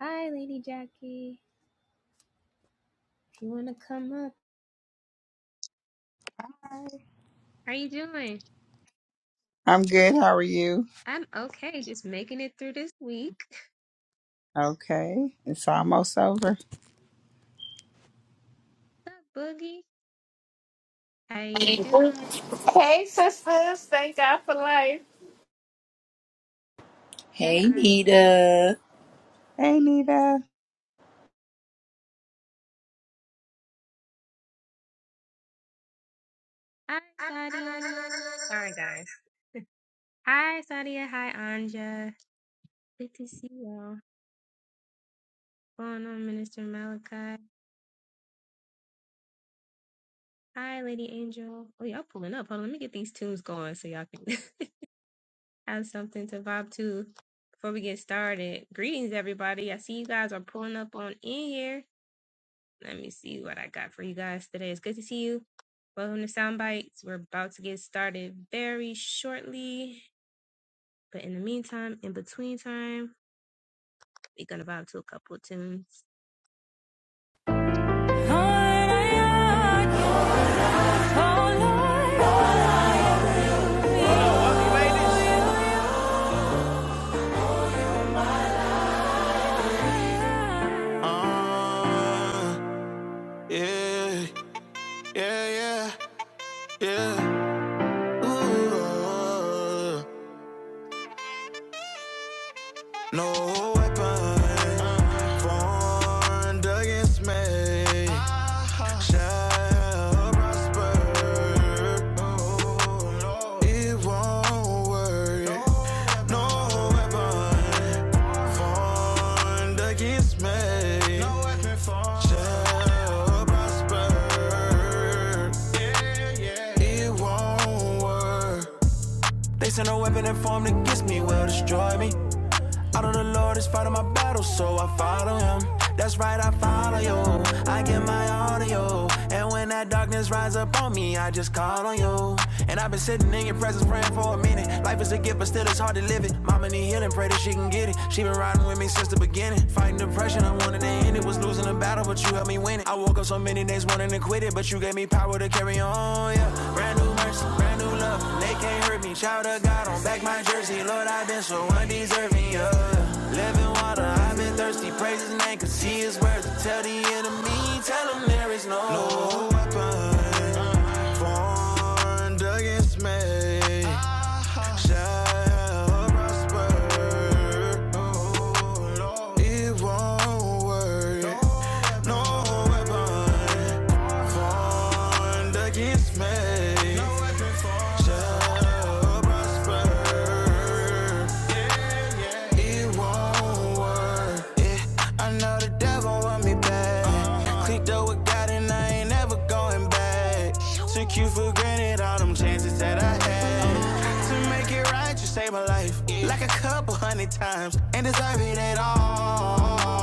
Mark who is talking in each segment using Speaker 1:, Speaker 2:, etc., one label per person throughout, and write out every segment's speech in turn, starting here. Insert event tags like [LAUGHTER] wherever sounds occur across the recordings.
Speaker 1: Hi, Lady Jackie. If you want to come up, how you doing?
Speaker 2: I'm good. How are you?
Speaker 1: I'm okay, just making it through this week.
Speaker 2: Okay. It's almost over.
Speaker 1: What's up, Boogie? How you doing?
Speaker 3: Hey, sisters. Thank God for life.
Speaker 1: Hi,
Speaker 4: Hey
Speaker 1: Anja.
Speaker 4: Nita.
Speaker 2: Hey, Nita.
Speaker 1: Hi, Sadia. Sorry, guys. Hi, Sadia. Hi, Anja. Good to see y'all. Going on, Minister Malachi. Hi, Lady Angel. Oh, y'all pulling up. Hold on, let me get these tunes going so y'all can [LAUGHS] have something to vibe to before we get started. Greetings, everybody. I see you guys are pulling up on in here. Let me see what I got for you guys today. It's good to see you. Welcome to Sound Bites. We're about to get started very shortly. But in the meantime, in between time, we're going to vibe to a couple of tunes.
Speaker 5: Uh, yeah, yeah, yeah, yeah. Ooh, uh, no weapon against me shall prosper. It won't work. No weapon Armed against me. No weapon formed shall prosper. Yeah, yeah. It won't work. They send a weapon and formed against me will destroy me. Out of the Lord is fighting my battle, so I follow him. That's right, I follow you. I get my audio. And when that darkness rises up on me, I just call on you. And I've been sitting in your presence praying for a minute. Life is a gift, but still it's hard to live it. Mama need healing, pray that she can get it. She been riding with me since the beginning. Fighting depression, I wanted to end it. Was losing the battle, but you helped me win it. I woke up so many days wanting to quit it, but you gave me power to carry on. Yeah, brand new mercy, brand new love. They can't hurt me. Child of God, on back my jersey. Lord, I've been so undeserving. Yeah water. I've been thirsty, praise his name, cause he is worth it. Tell the enemy, tell him there is no, hope. no one against me. It's me. Clicked up with God and I ain't never going back. Took you for granted, all them chances that I had. You make it right, you saved my life. Like a couple hundred times, ain't deserve it at all.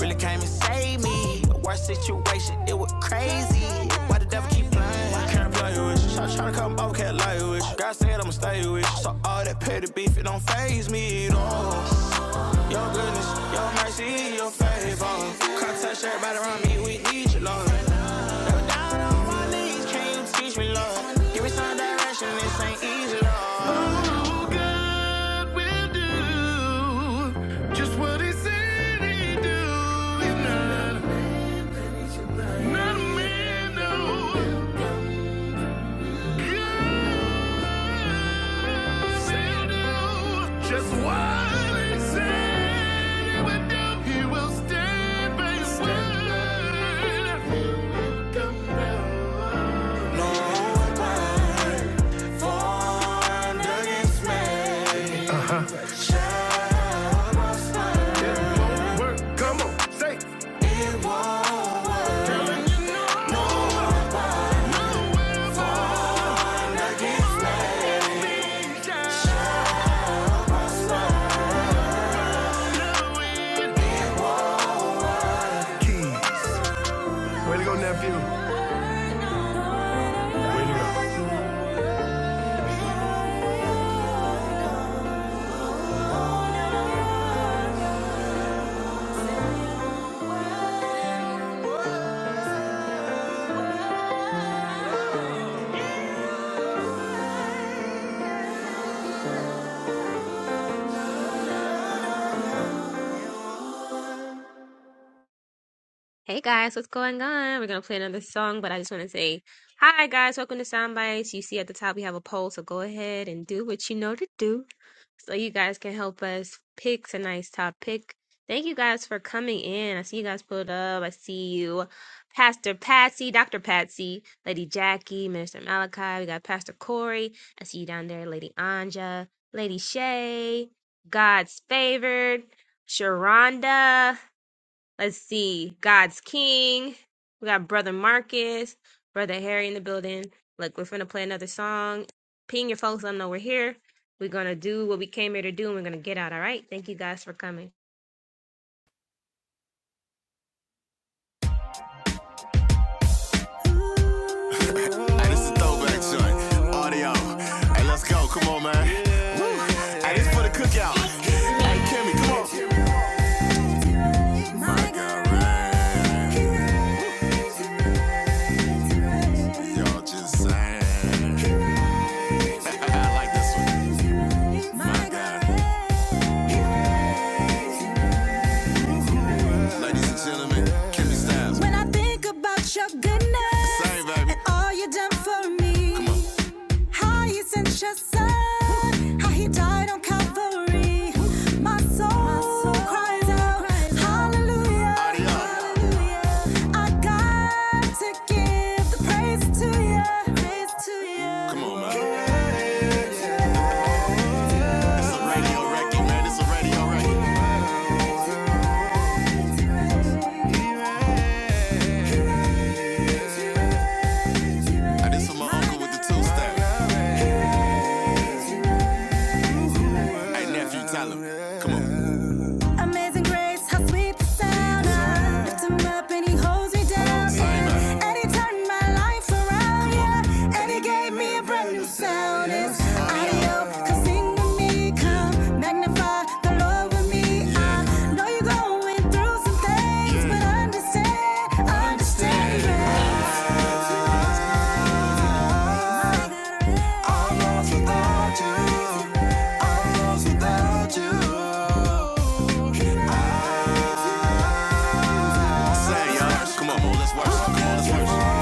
Speaker 5: Really came and saved me. The Worst situation, it was crazy. Why the devil keep playing? Can't play with you. Try, try to come over, can't lie with you. God said I'ma stay with you. So all that petty beef, it don't phase me. Don't mercy, your facts touch everybody around me. We need you, Lord. Please, can you teach me, Lord? Give me some direction, this ain't easy, Lord. What we do, just what he said he do. He's not, not a man, no. Yeah. Just what he said he would do. He will stand by his come down. Word, come on, say, Ninja. Keys. Way to go, nephew. Way to go.
Speaker 1: Hey guys, what's going on? We're going to play another song, but I just want to say hi guys. Welcome to Sound Bites. You see at the top, we have a poll, so go ahead and do what you know to do. so you guys can help us pick tonight's topic. Thank you guys for coming in. I see you guys pulled up. I see you, Pastor Patsy, Dr. Patsy, Lady Jackie, Minister Malachi. We got Pastor Corey. I see you down there, Lady Anja, Lady Shay, God's favored, Sharonda. Let's see. God's King. We got Brother Marcus, Brother Harry in the building. Look, we're finna play another song. Ping your folks, let them know we're here. We're gonna do what we came here to do and we're gonna get out, all right? Thank you guys for coming.
Speaker 5: Hey, this is a throwback joint. Audio. Hey, let's go. Come on, man. Hey, this is for the cookout. Hey, Kimmy, come on. Y'all just saying. I like this one. God. Ladies and gentlemen, Kimmy Styles. When I think about your goodness Same, baby. and all you done for me, how you sent your son, how he died on Calvary, my soul my soul cries out, Hallelujah, Hallelujah. I got to give the praise to you, praise to you. Come on, man. It's a radio record, man. It's a radio record. This for my uncle with the two step. Hey nephew, tell him. Come on. Amazing grace, how sweet the sound. I lift him up and he holds me down. Yeah. And he turned my life around. Yeah. And he gave me a brand new sound. It's audio. Come sing with me. Come magnify the Lord with me. I know you're going through some things, but understand, understand. yeah. I'm lost without you. I'm lost without you. saying, y'all. Come on, let's work. Come on, let's work.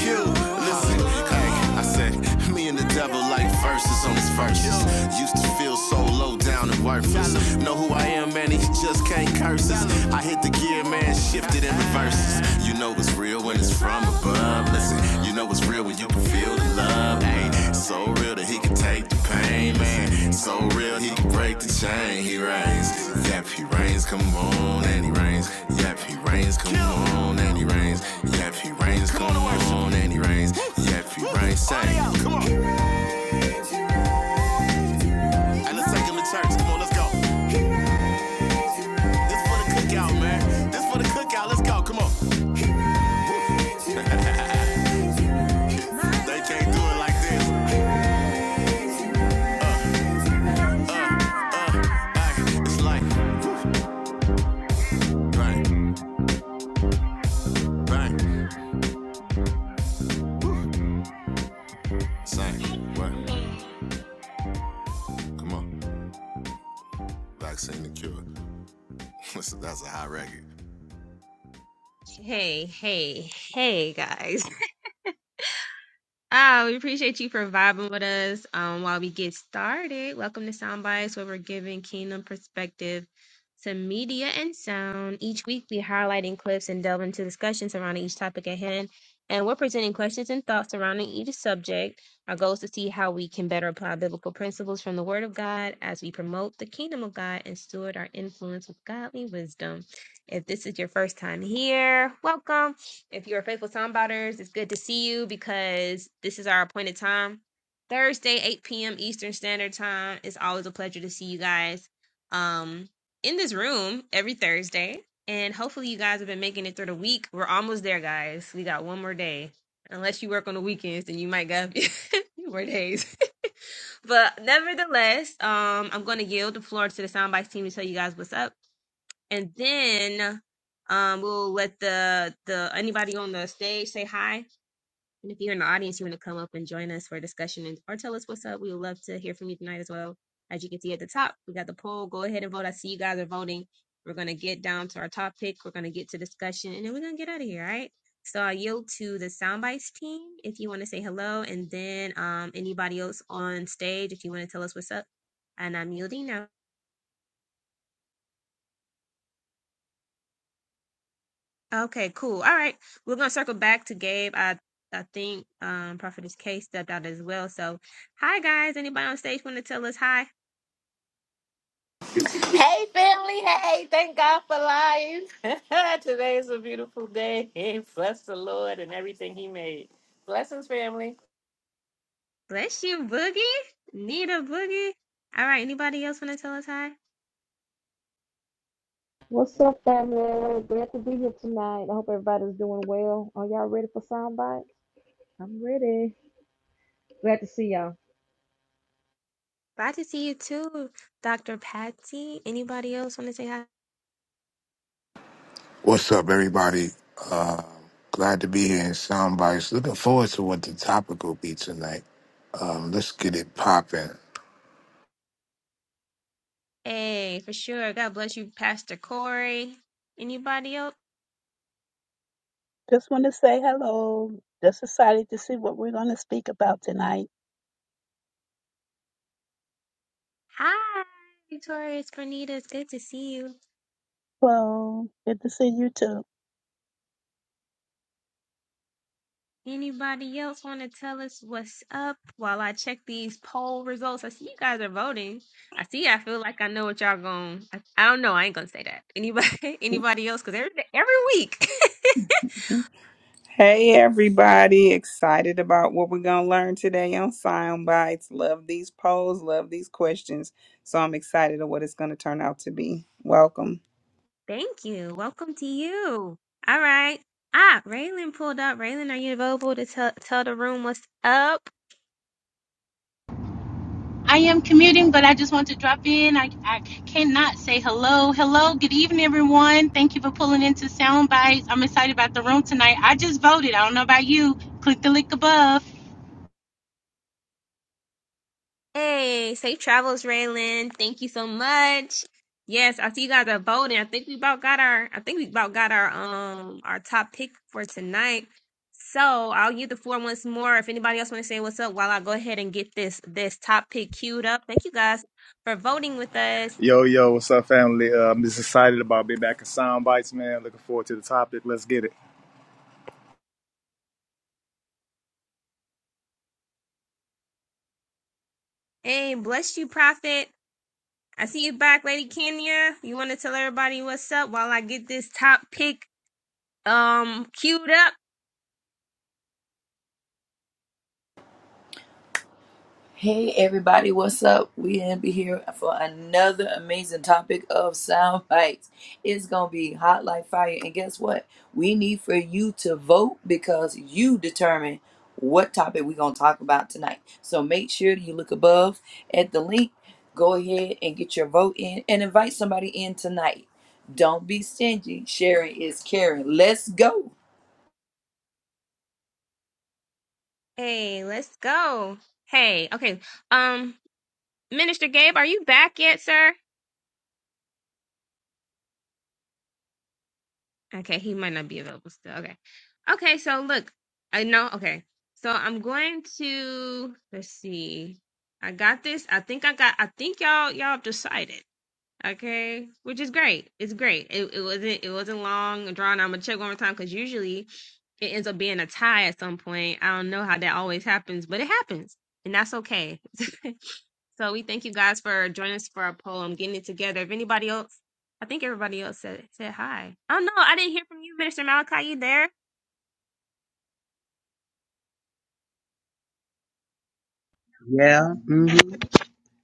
Speaker 5: You, listen. Hey, I said, me and the devil like verses on his verses. Used to feel so low down and worthless. Know who I am, man, he just can't curse us. I hit the gear, man, shifted in reverses. You know it's real when it's from above. Listen, you know it's real when you can Feel the love, man. So real that he can take the pain, man. So real he can break the chain. He reigns. Yep, he reigns. Come on, and he reigns. Yep, he reigns. Come on, and he reigns. Yep, he reigns. Come on, and he reigns. Yep, he reigns. Say, come on. And let's take him to church. Come on, let's go. This for the cookout, man. This for the cookout. Let's go. Come on. They can't do it like this. Bang. It's like bang, bang. Say what? Come on. Vaccine the cure. [LAUGHS] that's a high record.
Speaker 1: Hey, hey, hey, guys. Ah, we appreciate you for vibing with us um, while we get started. Welcome to Soundbites, where we're giving kingdom perspective to media and sound. Each week, we're highlighting clips and delving into discussions surrounding each topic at hand. And we're presenting questions and thoughts surrounding each subject. Our goal is to see how we can better apply biblical principles from the Word of God as we promote the kingdom of God and steward our influence with godly wisdom. If this is your first time here, welcome. If you're a faithful soundbotters, it's good to see you because this is our appointed time. Thursday, 8 p.m. Eastern Standard Time. It's always a pleasure to see you guys um, in this room every Thursday. And hopefully, you guys have been making it through the week. We're almost there, guys. We got one more day. Unless you work on the weekends, then you might get [LAUGHS] more days. [LAUGHS] but nevertheless, um, I'm going to yield the floor to the Soundbites team to tell you guys what's up and then um we'll let the the anybody on the stage say hi and if you're in the audience you want to come up and join us for a discussion and, or tell us what's up we would love to hear from you tonight as well as you can see at the top we got the poll go ahead and vote i see you guys are voting we're going to get down to our topic we're going to get to discussion and then we're going to get out of here all right so i yield to the soundbites team if you want to say hello and then um anybody else on stage if you want to tell us what's up and i'm yielding now Okay, cool. All right. We're gonna circle back to Gabe. I I think um Prophetess K stepped out as well. So hi guys. Anybody on stage wanna tell us hi?
Speaker 3: Hey, family. Hey, thank God for life. [LAUGHS] Today is a beautiful day. [LAUGHS] Bless the Lord and everything He made. Blessings, family.
Speaker 1: Bless you, Boogie. Need a Boogie. All right, anybody else wanna tell us hi?
Speaker 6: What's up, family? Glad to be here tonight. I hope everybody's doing well. Are y'all ready for sound bites? I'm ready. Glad to see y'all.
Speaker 1: Glad to see you too, Dr. Patsy. Anybody else wanna say hi?
Speaker 7: What's up, everybody? Uh, glad to be here in Soundbites. Looking forward to what the topic will be tonight. Um, let's get it popping.
Speaker 1: Hey, for sure. God bless you, Pastor Corey. Anybody else?
Speaker 8: Just want to say hello. Just excited to see what we're going to speak about tonight.
Speaker 1: Hi, Victoria, it's Granita. It's good to see you.
Speaker 8: Well, good to see you too.
Speaker 1: Anybody else want to tell us what's up while I check these poll results? I see you guys are voting. I see. I feel like I know what y'all going. I, I don't know. I ain't gonna say that. Anybody? [LAUGHS] Anybody else? Because every every week.
Speaker 2: Hey, everybody. Excited about what we're going to learn today on Sound Bites. Love these polls. Love these questions. So I'm excited of what it's going to turn out to be. Welcome.
Speaker 1: [LAUGHS] Thank you. Welcome to you. All right. Ah, Raylan pulled up. Raylan, are you available to tell tell the room what's up?
Speaker 9: I am commuting, but I just want to drop in. I, I cannot say hello. Hello, good evening, everyone. Thank you for pulling into Sound Bites. I'm excited about the room tonight. I just voted. I don't know about you. Click the link above.
Speaker 1: Hey, safe travels, Raylan. Thank you so much. Yes, I see you guys are voting. I think we about got our I think we about got our um our top pick for tonight. So I'll give the floor once more. If anybody else want to say what's up while I go ahead and get this this top pick queued up. Thank you guys for voting with us.
Speaker 10: Yo, yo, what's up, family? Uh, I'm just excited about being back in Sound Bites, man. Looking forward to the topic. Let's get it.
Speaker 1: Hey, bless you, Prophet. I see you back, Lady Kenya. You want to tell everybody what's up while I get this top pick um queued up?
Speaker 4: Hey everybody, what's up? We gonna be here for another amazing topic of sound [LAUGHS] bites. It's gonna be hot like fire. And guess what? We need for you to vote because you determine what topic we're gonna talk about tonight. So make sure you look above at the link. Go ahead and get your vote in and invite somebody in tonight. Don't be stingy. Sharing is caring. Let's go.
Speaker 1: Hey, let's go. Hey, okay. Um, Minister Gabe, are you back yet, sir? Okay, he might not be available still. Okay. Okay, so look, I know. Okay. So I'm going to let's see. I got this. I think I got I think y'all y'all have decided. Okay, which is great. It's great. It, it wasn't it wasn't long and drawn. out. I'm gonna check one more time because usually it ends up being a tie at some point. I don't know how that always happens, but it happens, and that's okay. [LAUGHS] so we thank you guys for joining us for our poll. I'm getting it together. If anybody else, I think everybody else said said hi. Oh no, I didn't hear from you, Minister Malachi. You there?
Speaker 11: Yeah. hmm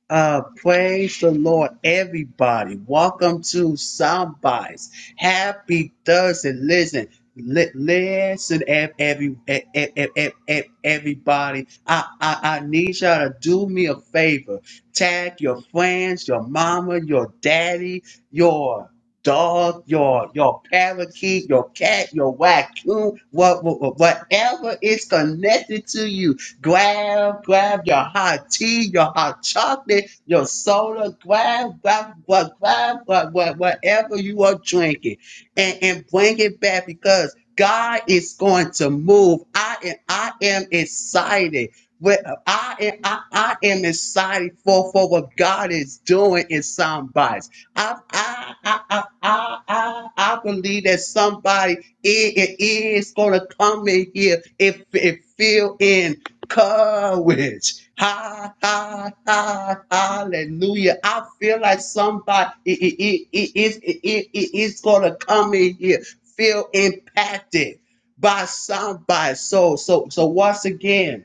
Speaker 11: Uh, praise the Lord, everybody. Welcome to Somebody's Happy Thursday. Listen, li- listen, ev- every, ev- ev- ev- ev- ev- everybody. I, I, I need y'all to do me a favor. Tag your friends, your mama, your daddy, your dog, your your parakeet, your cat, your raccoon, what, what, whatever is connected to you Grab, grab your hot tea, your hot chocolate, your soda. Grab, grab, grab, grab, grab, grab whatever you are drinking, and and bring it back because God is going to move. I am, I am excited. Well, I am, I, I am excited for, for what God is doing in somebody's. I, I, I, I, I, I, I believe that somebody is it is going to come in here if if feel in courage. Ha, ha, ha, hallelujah. I feel like somebody it, it, it, it, it, it, it- it's going to come in here, feel impacted by somebody. So, so, so once again,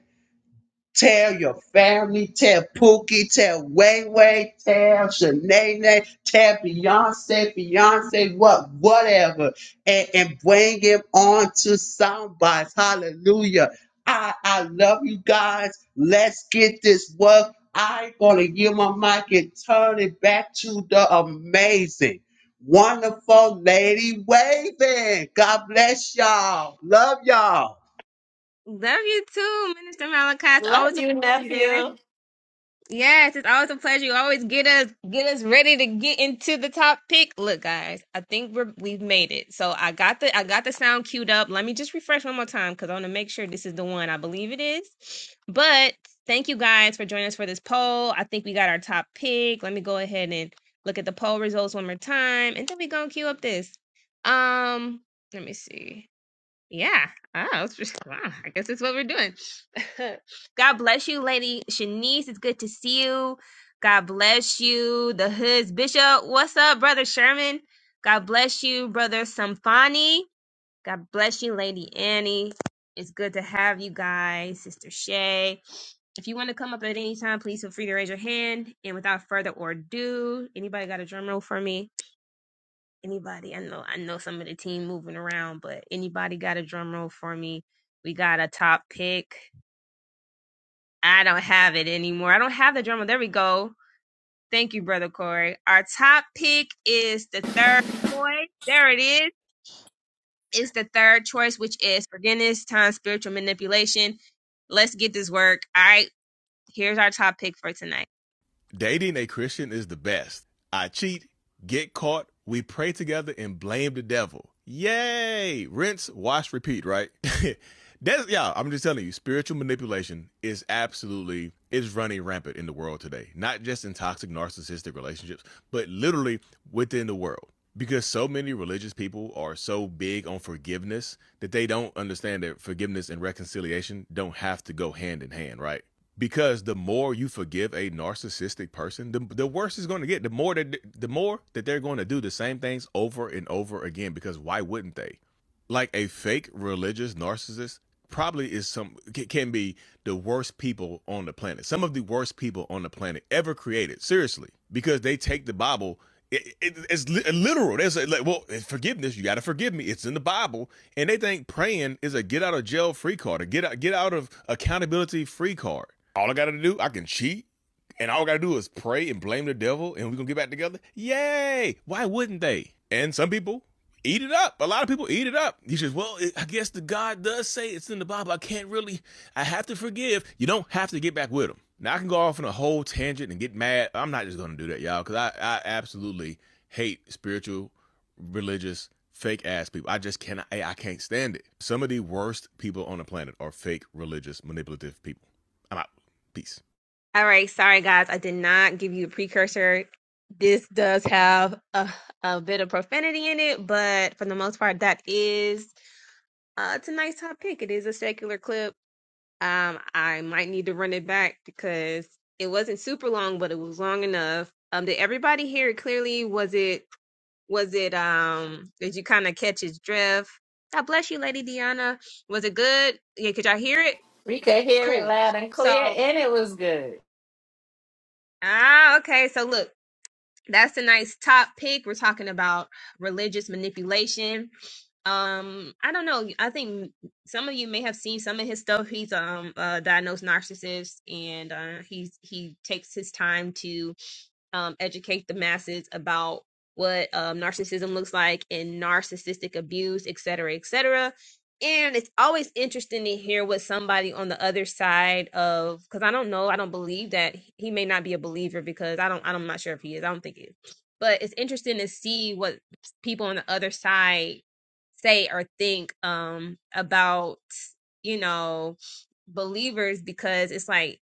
Speaker 11: Tell your family, tell Pookie, tell Way Way, tell Shanae, tell Beyonce, Beyonce, what, whatever, and, and bring him on to soundbites. Hallelujah. I, I love you guys. Let's get this work. I'm gonna give my mic and turn it back to the amazing, wonderful lady waving. God bless y'all. Love y'all.
Speaker 1: Love you too, Minister Malachi. It's
Speaker 3: Love
Speaker 1: always a
Speaker 3: you,
Speaker 1: pleasure
Speaker 3: nephew.
Speaker 1: Yes, it's always a pleasure. You always get us get us ready to get into the top pick. Look, guys, I think we're we've made it. So I got the I got the sound queued up. Let me just refresh one more time because I want to make sure this is the one. I believe it is. But thank you guys for joining us for this poll. I think we got our top pick. Let me go ahead and look at the poll results one more time, and then we gonna queue up this. Um, let me see. Yeah. Oh, it's just, wow. I guess that's what we're doing. [LAUGHS] God bless you, Lady Shanice. It's good to see you. God bless you, the Hoods Bishop. What's up, Brother Sherman? God bless you, Brother Samfani. God bless you, Lady Annie. It's good to have you guys, Sister Shay. If you want to come up at any time, please feel free to raise your hand. And without further ado, anybody got a drum roll for me? Anybody? I know I know some of the team moving around, but anybody got a drum roll for me? We got a top pick. I don't have it anymore. I don't have the drum roll. There we go. Thank you, brother Corey. Our top pick is the third choice. There it is. It's the third choice, which is forgiveness times spiritual manipulation. Let's get this work. All right. Here's our top pick for tonight.
Speaker 5: Dating a Christian is the best. I cheat, get caught, we pray together and blame the devil. Yay! Rinse, wash, repeat, right? [LAUGHS] That's yeah, I'm just telling you, spiritual manipulation is absolutely is running rampant in the world today. Not just in toxic narcissistic relationships, but literally within the world. Because so many religious people are so big on forgiveness that they don't understand that forgiveness and reconciliation don't have to go hand in hand, right? because the more you forgive a narcissistic person the, the worse it's going to get the more that the more that they're going to do the same things over and over again because why wouldn't they like a fake religious narcissist probably is some can be the worst people on the planet some of the worst people on the planet ever created seriously because they take the bible it, it, it's li- literal There's say like well forgiveness you got to forgive me it's in the bible and they think praying is a get out of jail free card a get out get out of accountability free card all i gotta do i can cheat and all we gotta do is pray and blame the devil, and we're gonna get back together. Yay! Why wouldn't they? And some people eat it up. A lot of people eat it up. He says, "Well, it, I guess the God does say it's in the Bible. I can't really. I have to forgive. You don't have to get back with them. Now I can go off on a whole tangent and get mad. I'm not just gonna do that, y'all, because I, I absolutely hate spiritual, religious, fake ass people. I just cannot. I, I can't stand it. Some of the worst people on the planet are fake, religious, manipulative people. I'm out. Peace.
Speaker 1: All right, sorry guys, I did not give you a precursor. This does have a, a bit of profanity in it, but for the most part, that is uh, tonight's top pick. It is a secular clip. Um, I might need to run it back because it wasn't super long, but it was long enough. Um, did everybody hear it clearly? Was it was it um did you kind of catch his drift? God bless you, Lady Deanna. Was it good? Yeah, could y'all hear it?
Speaker 3: We could hear it
Speaker 1: Cool.
Speaker 3: loud and
Speaker 1: So
Speaker 3: clear, and it was good.
Speaker 1: ah, okay. So look. That's a nice top pick. We're talking about religious manipulation. Um, I don't know. I think some of you may have seen some of his stuff. He's um a diagnosed narcissist, and uh, he's he takes his time to um, educate the masses about what um, narcissism looks like and narcissistic abuse, et cetera, et cetera. And it's always interesting to hear what somebody on the other side of, because I don't know, I don't believe that he may not be a believer because I don't, I'm not sure if he is. I don't think he is. But it's interesting to see what people on the other side say or think um, about, you know, believers because it's like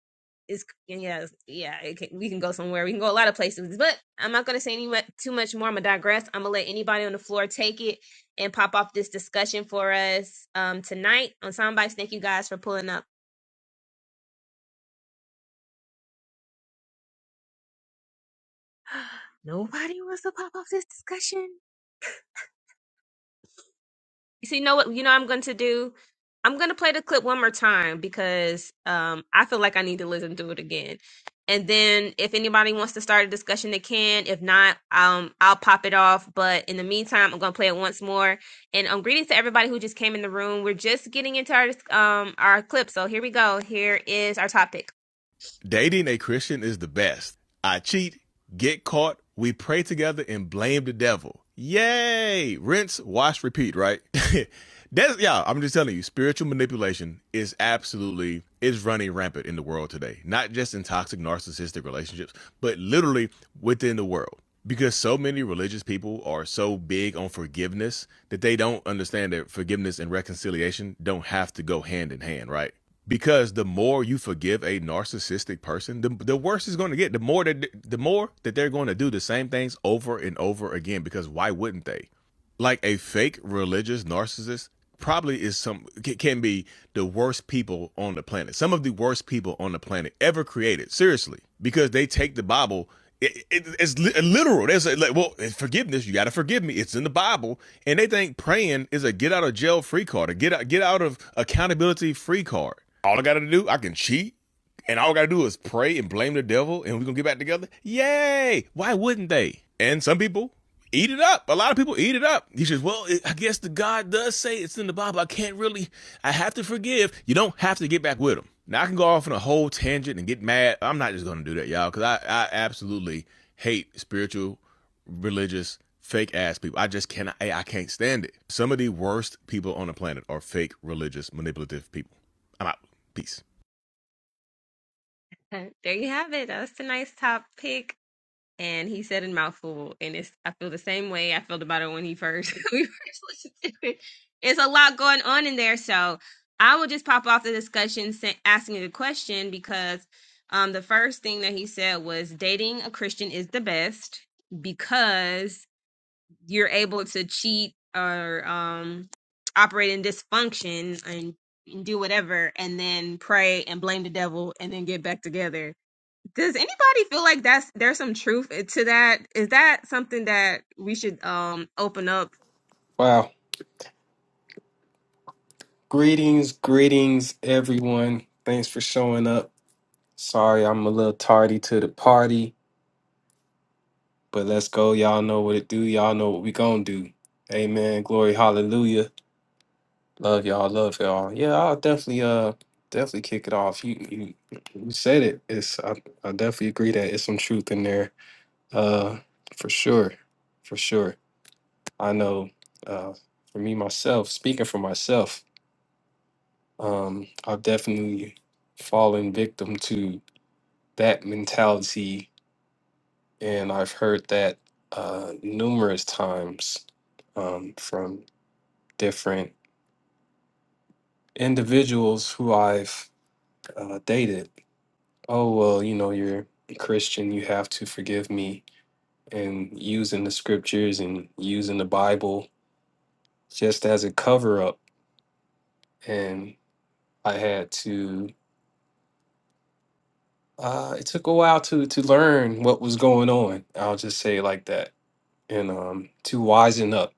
Speaker 1: is yeah, yeah. It can, we can go somewhere. We can go a lot of places, but I'm not going to say any mu- too much more. I'm gonna digress. I'm gonna let anybody on the floor take it and pop off this discussion for us um tonight on Soundbites. Thank you guys for pulling up. [GASPS] Nobody wants to pop off this discussion. So you know what? You know what I'm going to do. I'm going to play the clip one more time because um, I feel like I need to listen to it again. And then if anybody wants to start a discussion, they can. If not, um, I'll pop it off. But in the meantime, I'm going to play it once more. And um, greetings to everybody who just came in the room. We're just getting into our um our clip. So here we go. Here is our topic.
Speaker 5: Dating a Christian is the best. I cheat, get caught, we pray together and blame the devil. Yay! Rinse, wash, repeat, right? [LAUGHS] That's yeah, I'm just telling you, spiritual manipulation is absolutely is running rampant in the world today. Not just in toxic narcissistic relationships, but literally within the world. Because so many religious people are so big on forgiveness that they don't understand that forgiveness and reconciliation don't have to go hand in hand, right? because the more you forgive a narcissistic person the, the worse it's going to get the more that the more that they're going to do the same things over and over again because why wouldn't they like a fake religious narcissist probably is some can be the worst people on the planet some of the worst people on the planet ever created seriously because they take the bible it, it, it's literal they say like well forgiveness you got to forgive me it's in the bible and they think praying is a get out of jail free card a get out get out of accountability free card all i gotta do i can cheat and all we gotta do is pray and blame the devil, and we're gonna get back together. Yay! Why wouldn't they? And some people eat it up. A lot of people eat it up. You says, well, it, I guess the God does say it's in the Bible. I can't really. I have to forgive. You don't have to get back with them. Now I can go off on a whole tangent and get mad. I'm not just gonna do that, y'all, because I, I absolutely hate spiritual, religious, fake ass people. I just cannot. I, I can't stand it. Some of the worst people on the planet are fake, religious, manipulative people. I'm out. Peace.
Speaker 1: [LAUGHS] There you have it. That's a nice topic. and he said in mouthful and it's i feel the same way i felt about it when he first [LAUGHS] we first listened to it it's a lot going on in there so i will just pop off the discussion sa- asking the question because um the first thing that he said was dating a christian is the best because you're able to cheat or um operate in dysfunction and do whatever and then pray and blame the devil and then get back together does anybody feel like that's there's some truth eh, to that? Is that something that we should um open up?
Speaker 12: Wow. Greetings, greetings, everyone. Thanks for showing up. Sorry, I'm a little tardy to the party, but let's go. Y'all know what it do. Y'all know what we gonna do. Amen. Glory, hallelujah. Love y'all. Love y'all. Yeah, I'll definitely, uh, definitely kick it off. You, you, you said it. It's, I, I definitely agree that it's some truth in there. Uh, for sure, for sure. I know. Uh, for me myself, speaking for myself. Um, I've definitely fallen victim to that mentality, and I've heard that uh, numerous times um, from different individuals who I've uh, dated. Oh, well, you know, you're a Christian, you have to forgive me, and using the scriptures and using the Bible just as a cover up. And I had to uh, it took a while to to learn what was going on. I'll just say it like that. and um, to wisen up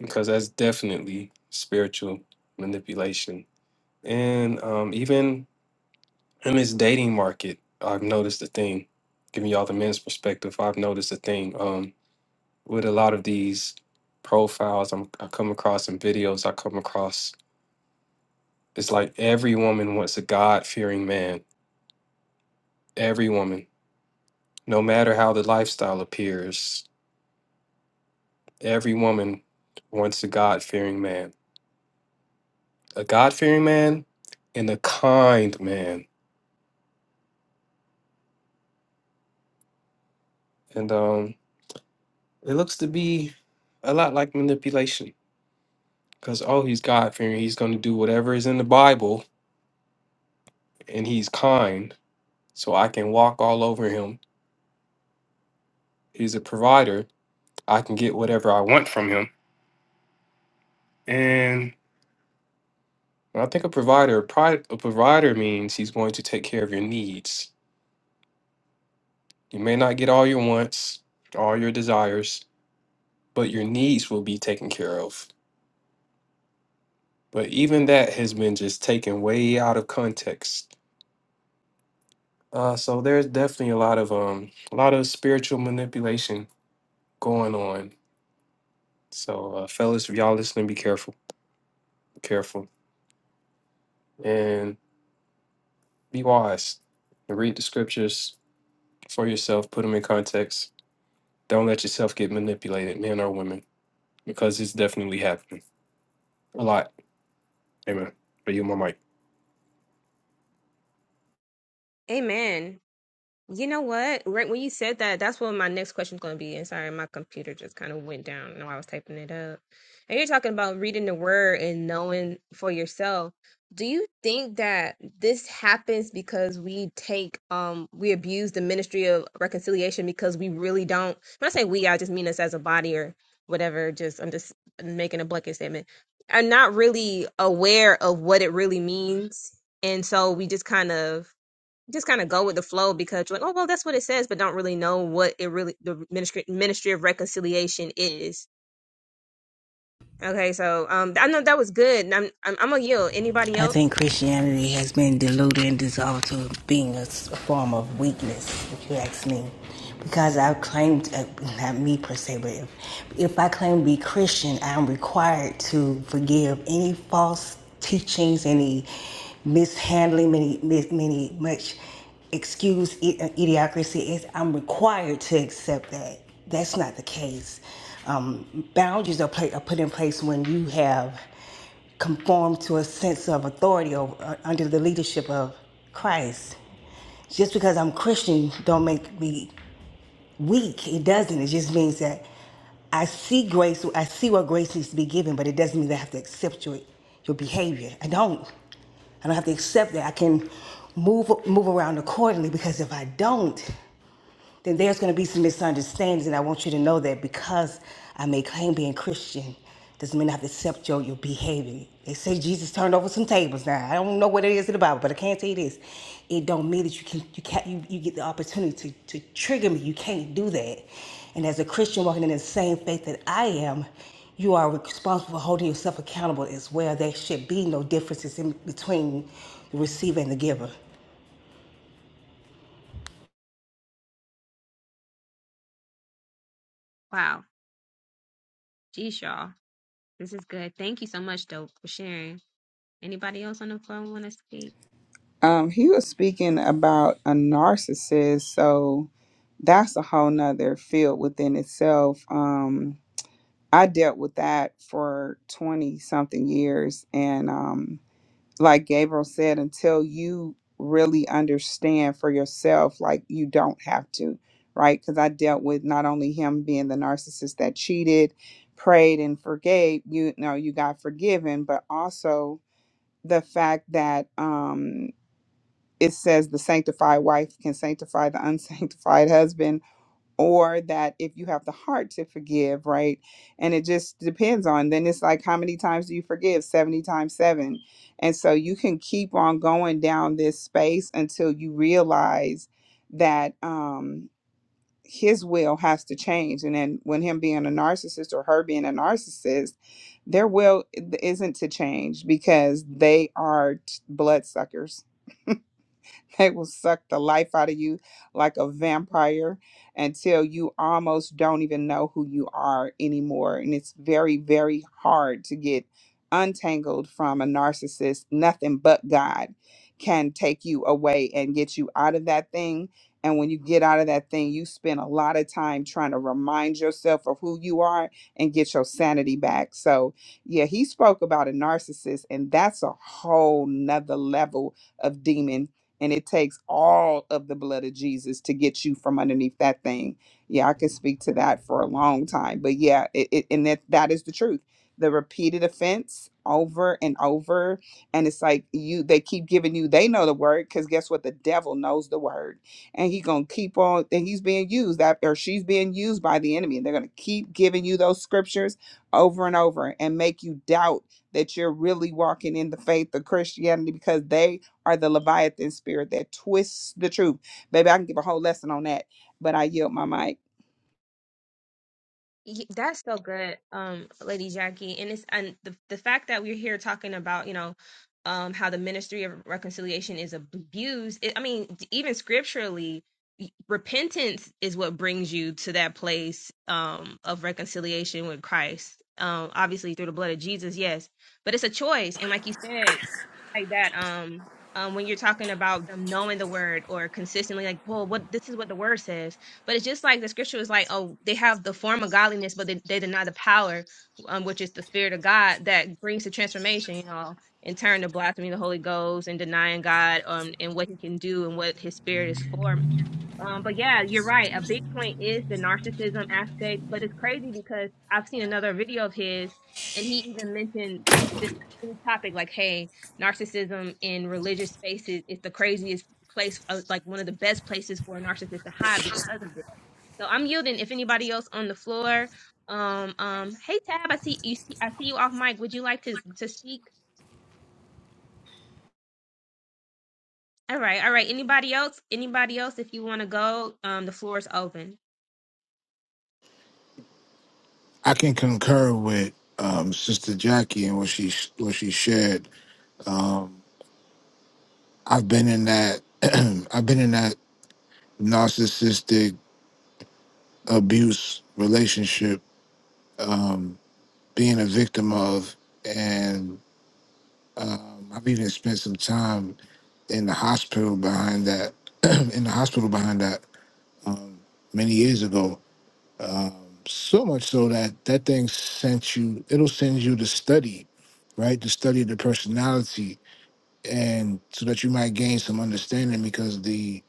Speaker 12: because that's definitely spiritual manipulation. And um, even in this dating market, I've noticed a thing. Giving y'all the men's perspective, I've noticed a thing um, with a lot of these profiles I'm, I come across in videos. I come across it's like every woman wants a God fearing man. Every woman, no matter how the lifestyle appears, every woman wants a God fearing man a God fearing man and a kind man. And um, it looks to be a lot like manipulation because, oh, he's God fearing. He's going to do whatever is in the Bible and he's kind. So I can walk all over him. He's a provider. I can get whatever I want from him. And when I think a provider, a, pri- a provider means he's going to take care of your needs. You may not get all your wants, all your desires, but your needs will be taken care of. But even that has been just taken way out of context. Uh, so there's definitely a lot of um, a lot of spiritual manipulation going on. So, uh, fellas, if y'all listening, be careful, be careful, and be wise. And read the scriptures for yourself. Put them in context. Don't let yourself get manipulated, men or women, because it's definitely happening a lot. Amen. But you, my mic.
Speaker 1: Amen. You know what? Right when you said that, that's what my next question's going to be. And sorry, my computer just kind of went down while I was typing it up. And you're talking about reading the word and knowing for yourself. Do you think that this happens because we take um we abuse the ministry of reconciliation because we really don't when I say we, I just mean us as a body or whatever, just I'm just making a blanket statement. Are not really aware of what it really means. And so we just kind of just kind of go with the flow because you're like, oh well, that's what it says, but don't really know what it really the ministry ministry of reconciliation is. Okay, so um, I know that was good. and I'm I'm, I'm gonna yield. Anybody
Speaker 13: I
Speaker 1: else?
Speaker 13: think Christianity has been diluted and dissolved to being a form of weakness, if you ask me. Because I've claimed, uh, not me per se, but if, if I claim to be Christian, I'm required to forgive any false teachings, any mishandling, many, many, much excuse uh, idiocracy. I'm required to accept that. That's not the case. Um, boundaries are, pla are put in place when you have conform to a sense of authority or, uh, under the leadership of Christ. Just because I'm Christian don't make me weak. It doesn't. It just means that I see grace. I see what grace needs to be given, but it doesn't mean that I have to accept your your behavior. I don't. I don't have to accept that. I can move move around accordingly because if I don't, then there's going to be some misunderstandings. And I want you to know that because I may claim being Christian doesn't mean I have to accept your, your behavior. They say Jesus turned over some tables. Now, I don't know what it is in the Bible, but I can tell you this. It don't mean that you can you can't you, you get the opportunity to, to trigger me. You can't do that. And as a Christian walking in the same faith that I am, you are responsible for holding yourself accountable as well. There should be no differences in between the receiver and the giver.
Speaker 1: Wow, geez, y'all, this is good. Thank you so much, dope, for sharing. Anybody else on the phone want to speak?
Speaker 2: Um, he was speaking about a narcissist. So that's a whole nother field within itself. Um, I dealt with that for 20 something years. And, um, like Gabriel said, until you really understand for yourself, like you don't have to, right? Because I dealt with not only him being the narcissist that cheated, prayed, and forgave, you know, you got forgiven, but also the fact that um, it says the sanctified wife can sanctify the [LAUGHS] unsanctified husband or that if you have the heart to forgive, right? And it just depends on then it's like how many times do you forgive? 70 times 7. And so you can keep on going down this space until you realize that um his will has to change and then when him being a narcissist or her being a narcissist their will isn't to change because they are t- bloodsuckers [LAUGHS] They will suck the life out of you like a vampire until you almost don't even know who you are anymore. And it's very, very hard to get untangled from a narcissist. Nothing but God can take you away and get you out of that thing. And when you get out of that thing, you spend a lot of time trying to remind yourself of who you are and get your sanity back. So, yeah, he spoke about a narcissist, and that's a whole nother level of demon and it takes all of the blood of Jesus to get you from underneath that thing. Yeah, I could speak to that for a long time, but yeah, it, it and that that is the truth. The repeated offense over and over, and it's like you they keep giving you they know the word because guess what? The devil knows the word, and he gonna keep on. And he's being used that or she's being used by the enemy, and they're gonna keep giving you those scriptures over and over and make you doubt that you're really walking in the faith of Christianity because they are the Leviathan spirit that twists the truth. Baby, I can give a whole lesson on that, but I yield my mic.
Speaker 1: Y- That's so good, um, Lady Jackie. And it's and the the fact that we're here talking about, you know, um, how the ministry of reconciliation is abused. It, I mean, d- even scripturally, y- repentance is what brings you to that place um of reconciliation with Christ. Um, obviously through the blood of Jesus, yes, but it's a choice. And like you said, like that um um when you're talking about them knowing the word or consistently like well what this is what the word says but it's just like the scripture is like oh they have the form of godliness but they, they deny the power um which is the spirit of god that brings the transformation you know in turn to blasphemy of the holy ghost and denying god um and what he can do and what his spirit is for um, but yeah, you're right. A big point is the narcissism aspect, but it's crazy because I've seen another video of his and he even mentioned this same topic like, hey, narcissism in religious spaces is the craziest place, uh, like one of the best places for a narcissist to hide because of this. So I'm yielding. If anybody else on the floor, um, um, hey Tab, I see you. See, I see you off mic. Would you like to to speak? All right, all right. Anybody else? Anybody else? If you want to go, um, the floor is open.
Speaker 7: I can concur with um, Sister Jackie and what she what she shared. I've been in that [CLEARS THROAT] I've been in that narcissistic abuse relationship, being a victim of, and I've even spent some time in the hospital behind that [CLEARS THROAT] in the hospital behind that um, many years ago Um, so much so that that thing sent you it'll send you to study right to study the personality and so that you might gain some understanding because the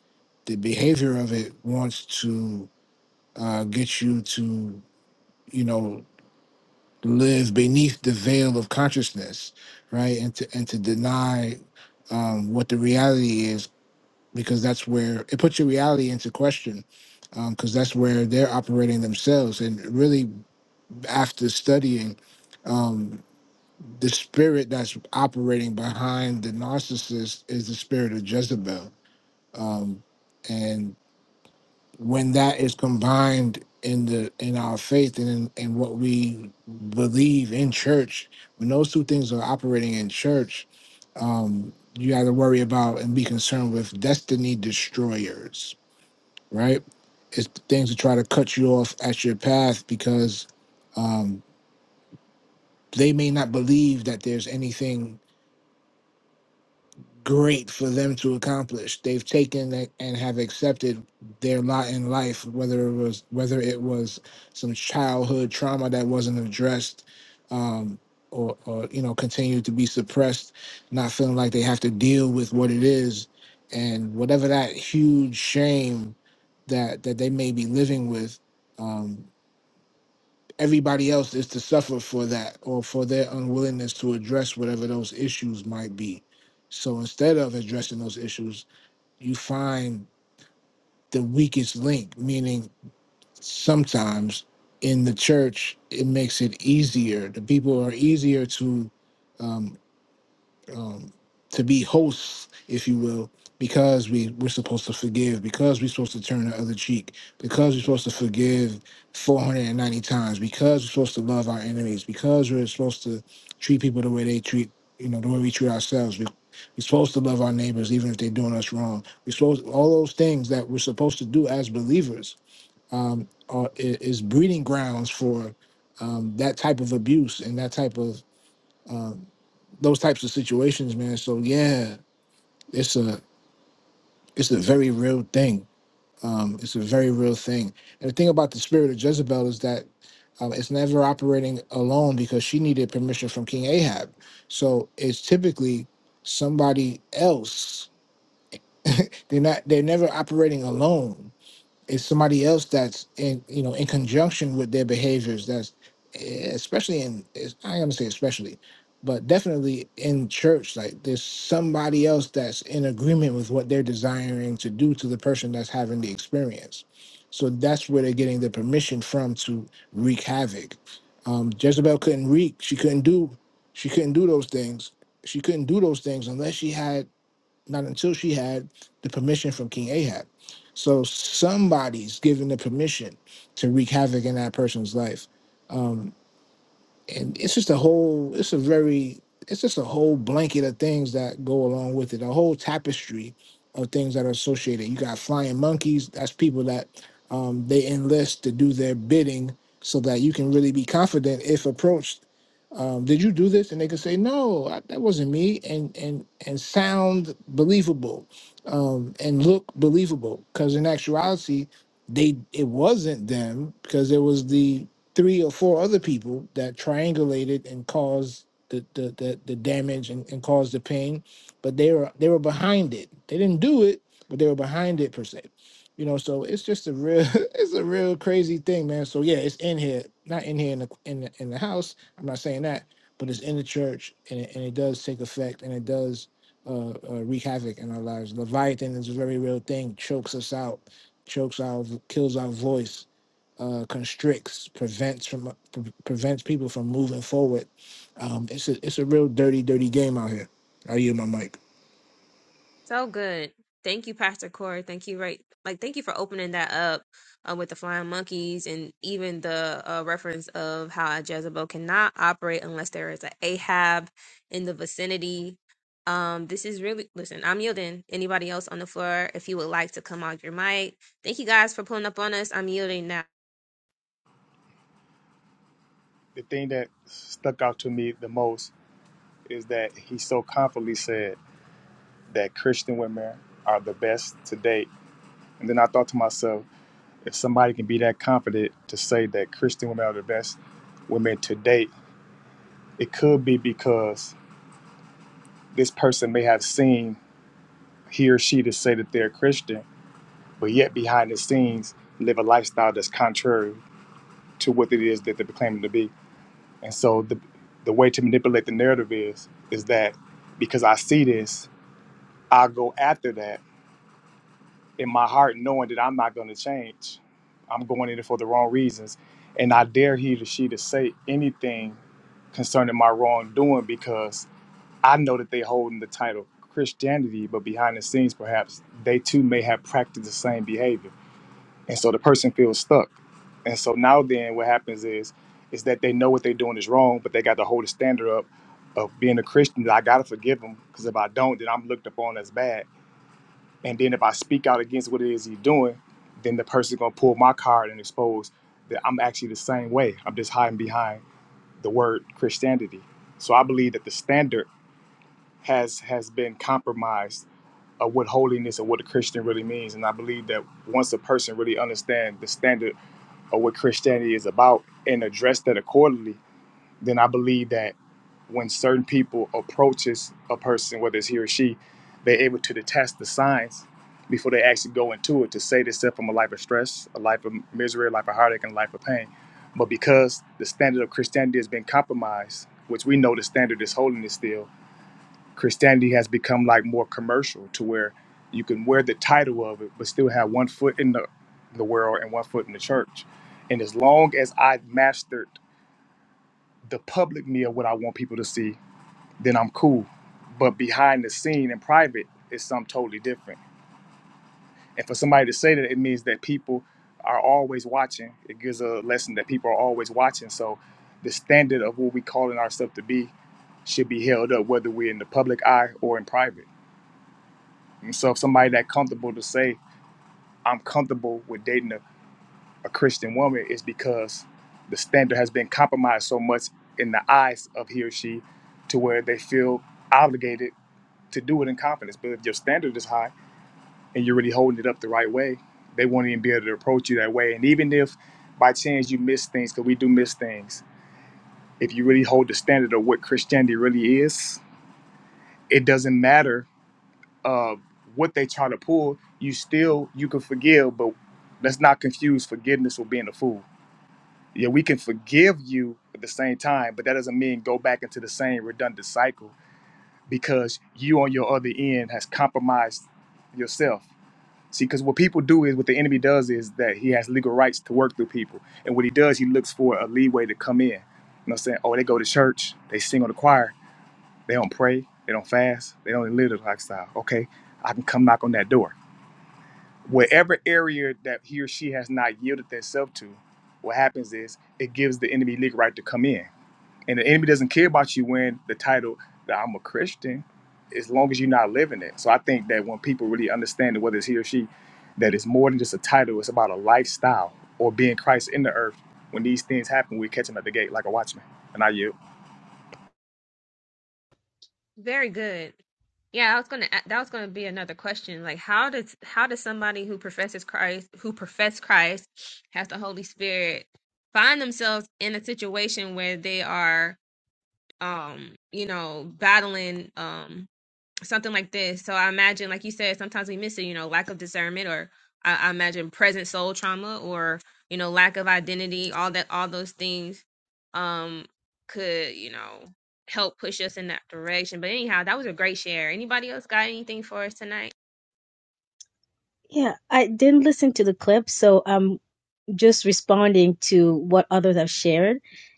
Speaker 7: the behavior of it wants to uh, get you to you know live beneath the veil of consciousness right and to and to deny um, what the reality is because that's where it puts your reality into question because that's where they're operating themselves and really after studying um, the spirit that's operating behind the narcissist is the spirit of Jezebel, um, and when that is combined in the in our faith and in, in what we believe in church, when those two things are operating in church, um, you got to worry about and be concerned with destiny destroyers, right? It's things that try to cut you off at your path because um, they may not believe that there's anything great for them to accomplish. They've taken it and have accepted their lot in life, whether it was whether it was some childhood trauma that wasn't addressed, um, or or you know continued to be suppressed, not feeling like they have to deal with what it is, and whatever that huge shame that that they may be living with. um, everybody else is to suffer for that or for their unwillingness to address whatever those issues might be. So instead of addressing those issues, you find the weakest link, meaning sometimes in the church, it makes it easier. The people are easier to um, um, to be hosts, if you will, because we we're supposed to forgive, because we're supposed to turn the other cheek, because we're supposed to forgive 490 times, because we're supposed to love our enemies, because we're supposed to treat people the way they treat you know the way we treat ourselves. We, we're supposed to love our neighbors even if they're doing us wrong. We're supposed all those things that we're supposed to do as believers um, are, i- is breeding grounds for um, that type of abuse and that type of um, those types of situations, man. So yeah, it's a it's a very real thing. Um, it's a very real thing. And the thing about the spirit of Jezebel is that um, it's never operating alone because she needed permission from King Ahab. So it's typically somebody else. They're not. They're never operating alone. It's somebody else that's in you know in conjunction with their behaviors. That's eh, especially in is- I am gonna say especially, but definitely in church. Like there's somebody else that's in agreement with what they're desiring to do to the person that's having the experience. So that's where they're getting the permission from to wreak havoc. Um, Jezebel couldn't wreak. She couldn't do. She couldn't do those things. She couldn't do those things unless she had not until she had the permission from King Ahab. So somebody's given the permission to wreak havoc in that person's life. Um, and it's just a whole it's a very it's just a whole blanket of things that go along with it a whole tapestry of things that are associated you got flying monkeys that's people that um, they enlist to do their bidding so that you can really be confident if approached um, did you do this and they can say no I, that wasn't me and and and sound believable um, and look believable because in actuality they it wasn't them because it was the three or four other people that triangulated and caused the the the, the damage and, and caused the pain, but they were they were behind it. They didn't do it, but they were behind it per se. You know, so it's just a real [LAUGHS] it's a real crazy thing, man. So yeah, it's in here, not in here in the in the, in the house. I'm not saying that, but it's in the church, and it, and it does take effect, and it does. Uh, uh, wreak havoc in our lives. Leviathan is a very real thing. Chokes us out, chokes our, kills our voice uh, constricts, prevents from pre- prevents people from moving forward. Um, it's a it's a real dirty, dirty game out here. I use my mic.
Speaker 1: So good. Thank you, Pastor Corey. Thank you, right? Like, thank you for opening that up uh, with the flying monkeys and even the uh, reference of how a Jezebel cannot operate unless there is an Ahab in the vicinity. Um, this is really, listen, I'm yielding. Anybody else on the floor, if you would like to come out your mic. Thank you guys for pulling up on us. I'm yielding now.
Speaker 10: The thing that stuck out to me the most is that he so confidently said that Christian women are the best to date. And then I thought to myself, if somebody can be that confident to say that Christian women are the best women to date, it could be because this person may have seen he or she to say that they're Christian, but yet behind the scenes live a lifestyle that's contrary to what it is that they're claiming to be. And so the the way to manipulate the narrative is is that because I see this, I go after that in my heart, knowing that I'm not going to change. I'm going in it for the wrong reasons, and I dare he or she to say anything concerning my wrongdoing because I know that they holding the title Christianity, but behind the scenes, perhaps they too may have practiced the same behavior and so the person feels stuck and so now then what happens is is that they know what they're doing is wrong but they got to hold a standard up of being a christian that i gotta forgive him because if i don't then i'm looked upon as bad and then if i speak out against what it is he's doing then the person's gonna pull my card and expose that i'm actually the same way i'm just hiding behind the word christianity so i believe that the standard has has been compromised of what holiness and what a christian really means and i believe that once a person really understands the standard or what Christianity is about and address that accordingly, then I believe that when certain people approaches a person, whether it's he or she, they're able to detest the signs before they actually go into it to save themselves from a life of stress, a life of misery, a life of heartache, and a life of pain. But because the standard of Christianity has been compromised, which we know the standard is holiness still, Christianity has become like more commercial to where you can wear the title of it, but still have one foot in the, the world and one foot in the church. And as long as I mastered the public me of what I want people to see, then I'm cool. But behind the scene in private is something totally different. And for somebody to say that, it means that people are always watching. It gives a lesson that people are always watching. So the standard of what we calling ourselves to be should be held up, whether we're in the public eye or in private. And so if somebody that comfortable to say, I'm comfortable with dating a, a Christian woman is because the standard has been compromised so much in the eyes of he or she to where they feel obligated to do it in confidence. But if your standard is high and you're really holding it up the right way, they won't even be able to approach you that way. And even if by chance you miss things, because we do miss things, if you really hold the standard of what Christianity really is, it doesn't matter uh, what they trying to pull, you still you can forgive, but let's not confuse forgiveness with being a fool. Yeah, we can forgive you at the same time, but that doesn't mean go back into the same redundant cycle because you on your other end has compromised yourself. See, because what people do is what the enemy does is that he has legal rights to work through people, and what he does, he looks for a leeway to come in. You know what I'm saying? Oh, they go to church, they sing on the choir, they don't pray, they don't fast, they don't live the lifestyle. Okay, I can come knock on that door wherever area that he or she has not yielded themselves to, what happens is it gives the enemy legal right to come in. And the enemy doesn't care about you wearing the title that I'm a Christian as long as you're not living it. So I think that when people really understand that whether it's he or she, that it's more than just a title, it's about a lifestyle or being Christ in the earth. When these things happen, we catch them at the gate like a watchman. And I yield.
Speaker 1: Very good. Yeah, I was gonna. a- That was gonna be another question. Like, how does how does somebody who professes Christ, who profess Christ, has the Holy Spirit, find themselves in a situation where they are, um, you know, battling, um, something like this. So I imagine, like you said, sometimes we miss it, you know, lack of discernment or I, I imagine present soul trauma or, you know, lack of identity, all that all those things um could, you know, help push us in that direction. But anyhow, that was a great share. Anybody else got anything for us tonight?
Speaker 14: Yeah, I didn't listen to the clip, so I'm just responding to what others have shared.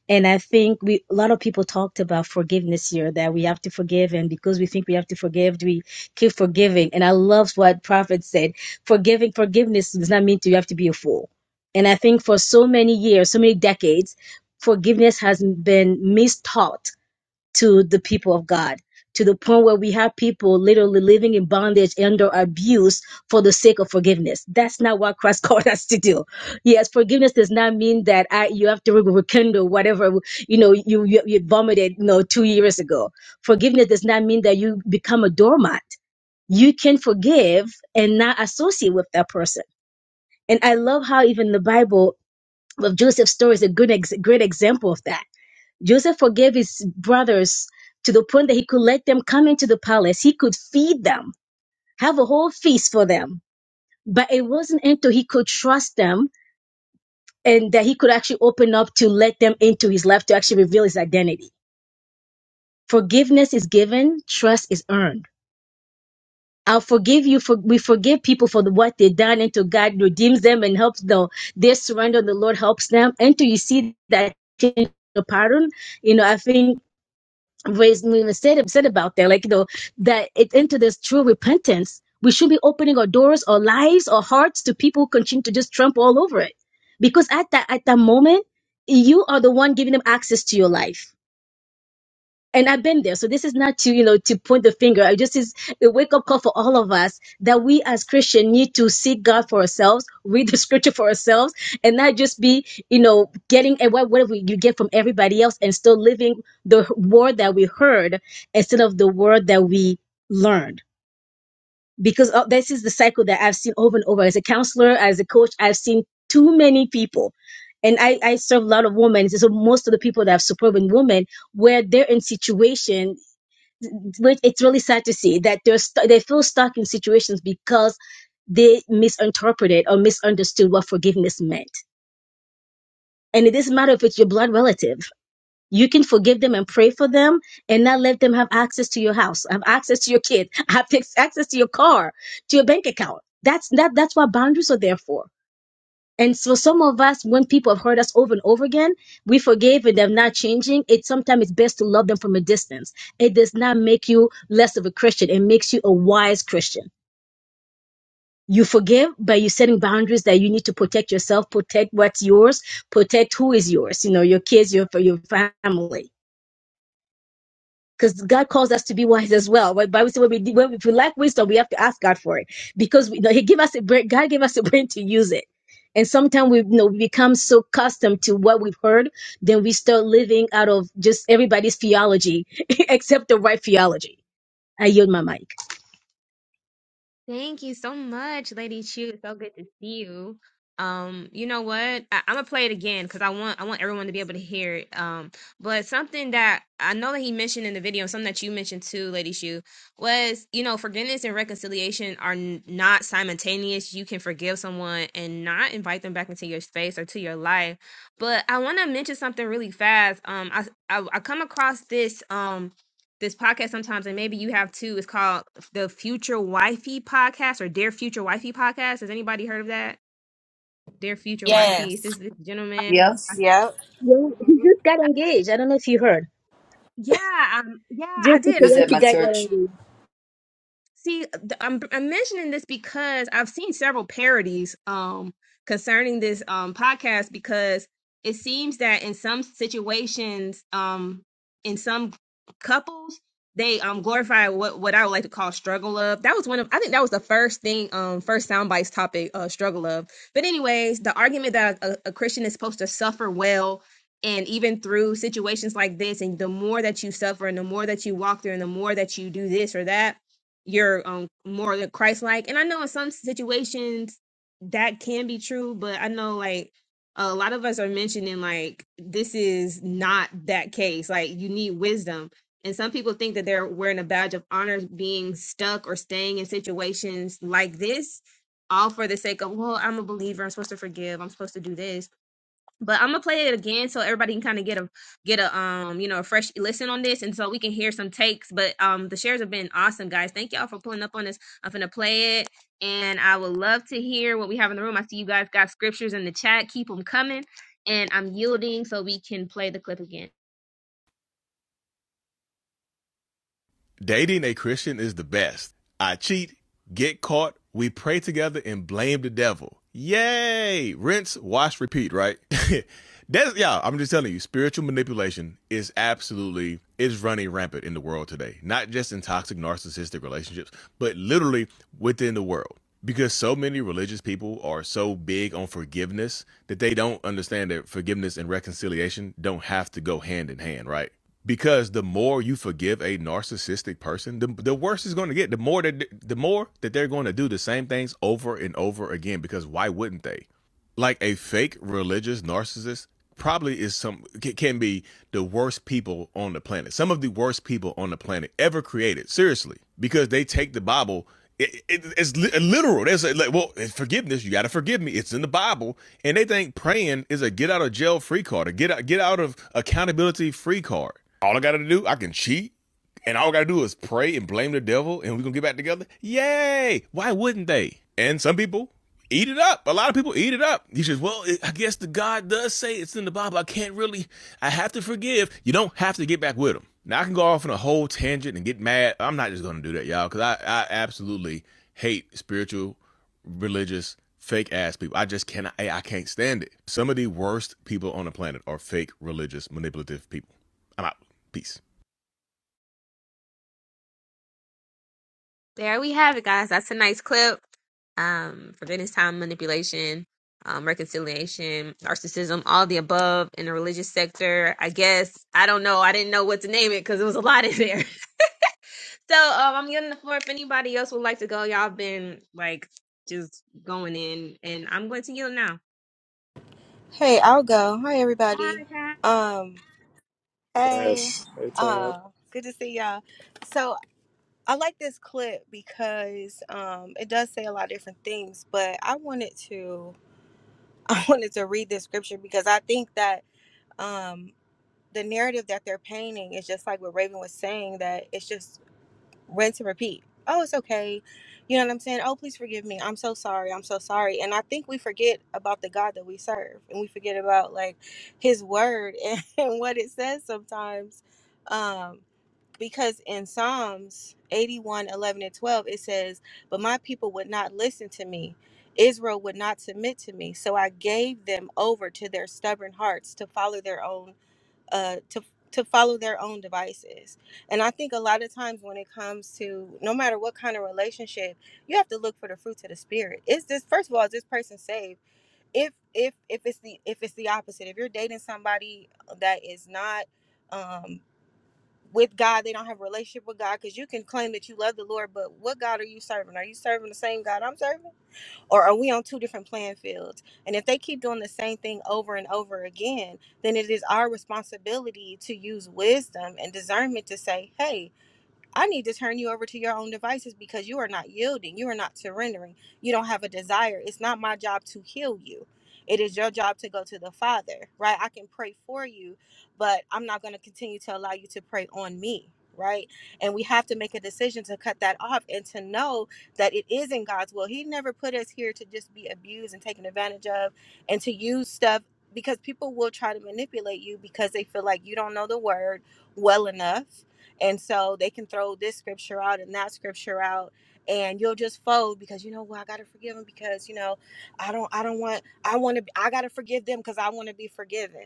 Speaker 14: And I think we a lot of people talked about forgiveness here that we have to forgive, and because we think we have to forgive, we keep forgiving. And I love what Prophet said: forgiving forgiveness does not mean to, you have to be a fool. And I think for so many years, so many decades, forgiveness has been mistaught to the people of God to the point where we have people literally living in bondage and or abuse for the sake of forgiveness. That's not what Christ [LAUGHS] called us to do. Yes, forgiveness does not mean that I, you have to re- rekindle whatever you know you, you you vomited you know two years ago. Forgiveness does not mean that you become a doormat. You can forgive and not associate with that person. And I love how even the Bible of Joseph's story is a good ex- great example of that Joseph forgave his brothers to the point that he could let them come into the palace. He could feed them, have a whole feast for them. But it wasn't until he could trust them and that he could actually open up to let them into his life to actually reveal his identity. Forgiveness is given, trust is earned. I'll forgive you for we forgive people for the, what they done until God redeems them and helps them. Their surrender, the Lord helps them. Until you see that change the pattern, you know, I think raised when said said about that, like you know, that it into this true repentance, we should be opening our doors, our lives, our hearts to people who continue to just trample all over it. Because at that at that moment, you are the one giving them access to your life and I've been there. So this is not to, you know, to point the finger. I just is a wake up call for all of us that we as Christian need to seek God for ourselves, read the [LAUGHS] scripture for ourselves, and not just be, you know, getting and what whatever you get from everybody else and still living the word that we heard instead of the word that we learned. Because uh, this is the cycle that I've seen over and over. As a counselor, as a coach, I've seen too many people. And I, I serve a lot of women. So most of the people that I've supported women where they're in situation which it's really sad to see that they're stu- they feel stuck in situations because they misinterpreted or misunderstood what forgiveness meant. And it doesn't matter if it's your blood relative. You can forgive them and pray for them and not let them have access to your house, have access to your kid, [LAUGHS] have ex- access to your car, to your bank account. That's that that's what boundaries are there for and so some of us, when people have hurt us over and over again, we forgive, and they're not changing. It sometimes it's best to love them from a distance. It does not make you less of a Christian. It makes you a wise Christian. You forgive, but you're setting boundaries that you need to protect yourself, protect what's yours, protect who is yours, you know, your kids, your, your family. because God calls us to be wise as well. When Bible says when we when we, if we lack wisdom, we have to ask God for it because we, you know, He gave us a brain. God gave us a brain to use it. And sometimes we you know we become so accustomed to what we've heard, then we start living out of just everybody's theology [LAUGHS] except the right theology. I yield my mic.
Speaker 1: Thank you so much, Lady Chu. It's so good to see you. Um, you know what? I, I'm gonna play it again because I want I want everyone to be able to hear it. Um, but something that I know that he mentioned in the video, something that you mentioned too, Lady Chu, was you know forgiveness and reconciliation are n- not simultaneous. You can forgive someone and not invite them back into your space or to your life. But I want to mention something really fast. Um, I I, I come across this. Um, this podcast sometimes, and maybe you have too. It's called the Future Wifey Podcast or Dear Future Wifey Podcast. Has anybody heard of that? Dear Future Wifey. It's
Speaker 15: Yes.
Speaker 1: this, this gentleman. I-
Speaker 4: Yes.
Speaker 16: Yep.
Speaker 14: Yeah, he
Speaker 16: hmm
Speaker 14: just got engaged. I don't know if you heard.
Speaker 1: Yeah, um, yeah, I
Speaker 14: Just the
Speaker 1: did.
Speaker 4: Who's at my
Speaker 14: Teresi
Speaker 1: I,
Speaker 14: guy got
Speaker 4: church?
Speaker 14: engaged.
Speaker 1: See, th- I'm, I'm mentioning this because I've seen several parodies um, concerning this um, podcast because it seems that in some situations, um, in some couples, they um, glorify what, what I would like to call struggle love. That was one of, I think that was the first thing, um, first soundbites topic, uh, struggle love. But, anyways, the argument that a, a Christian is supposed to suffer well and even through situations like this, and the more that you suffer and the more that you walk through and the more that you do this or that, you're um more than Christ like. And I know in some situations that can be true, but I know like a lot of us are mentioning like this is not that case. Like you need wisdom. And some people think that they're wearing a badge of honor being stuck or staying in situations like this, all for the sake of, well, I'm a believer, I'm supposed to forgive, I'm supposed to do this but I'm gonna play it again so everybody can kind of get a get a um you know a fresh listen on this, and so we can hear some takes. But um the shares have been awesome, guys. Thank y'all for pulling up on this. I'm gonna play it, and I would love to hear what we have in the room. I see you guys got scriptures in the chat. Keep them coming, and I'm yielding so we can play the clip again.
Speaker 5: Dating a Christian is the best. I cheat, get caught, we pray together and blame the devil. Yay! Rinse, wash, repeat, right? [LAUGHS] That's yeah, I'm just telling you, spiritual manipulation is absolutely is running rampant in the world today. Not just in toxic narcissistic relationships, but literally within the world. Because so many religious people are so big on forgiveness that they don't understand that forgiveness and reconciliation don't have to go hand in hand, right? because the more you forgive a narcissistic person the, the worse it's going to get the more that the more that they're going to do the same things over and over again because why wouldn't they like a fake religious narcissist probably is some can be the worst people on the planet some of the worst people on the planet ever created seriously because they take the bible it, it, it's li- literal they say like well forgiveness you got to forgive me it's in the bible and they think praying is a get out of jail free card a get out get out of accountability free card all i got to do i can cheat and all we gotta do is pray and blame the devil and we're gonna get back together yay why wouldn't they and some people eat it up a lot of people eat it up you just well it, i guess the god does say it's in the bible i can't really i have to forgive you don't have to get back with them now i can go off on a whole tangent and get mad i'm not just gonna do that y'all because I, I absolutely hate spiritual religious fake ass people i just cannot I, I can't stand it some of the worst people on the planet are fake religious manipulative people i'm out peace
Speaker 1: there we have it, guys. That's a nice clip. Um, forgiveness, time manipulation, um, reconciliation, narcissism, all the above in the religious sector. I guess I don't know. I didn't know what to name it because it was a lot in there. [LAUGHS] So um, I'm giving the floor if anybody else would like to go. Y'all been like just going in, and I'm going to yield now.
Speaker 16: Hey, I'll go. Hi,
Speaker 1: Bye,
Speaker 16: everybody.
Speaker 1: guys.
Speaker 16: Um, hey.
Speaker 10: Yes. Hey, Tab.
Speaker 16: Uh, good to see y'all. So I like this clip because um, it does say a lot of different things, but I wanted to [LAUGHS] I wanted to read this scripture because I think that um, the narrative that they're painting is just like what Raven was saying that it's just rinse and repeat. Oh, it's okay. You know what I'm saying? Oh, please forgive me. I'm so sorry. I'm so sorry. And I think we forget about the God that we serve and we forget about like his word [LAUGHS] and, what it says sometimes. Um, because in Psalms 81:11 and 12, it says, But my people would not listen to me. Israel would not submit to me. So I gave them over to their stubborn hearts to follow their own uh, to to follow their own devices. And I think a lot of times when it comes to no matter what kind of relationship, you have to look for the fruits of the spirit. Is this first of all, is this person saved? If if if it's the if it's the opposite, if you're dating somebody that is not um with God, they don't have a relationship with God because you can claim that you love the Lord, but what God are you serving? Are you serving the same God I'm serving? or are we on two different playing fields and if they keep doing the same thing over and over again then it is our responsibility to use wisdom and discernment to say hey I need to turn you over to your own devices because you are not yielding. You are not surrendering. You don't have a desire. It's not my job to heal you. It is your job to go to the Father, right? I can pray for you, but I'm not going to continue to allow you to pray on me, right? And we have to make a decision to cut that off and to know that it is in God's will. He never put us here to just be abused and taken advantage of and to use stuff because people will try to manipulate you because they feel like you don't know the word well enough and so they can throw this scripture out and that scripture out and you'll just fold because you know well, I got to forgive them because you know I don't I don't want I want to I got to forgive them cuz I want to be forgiven.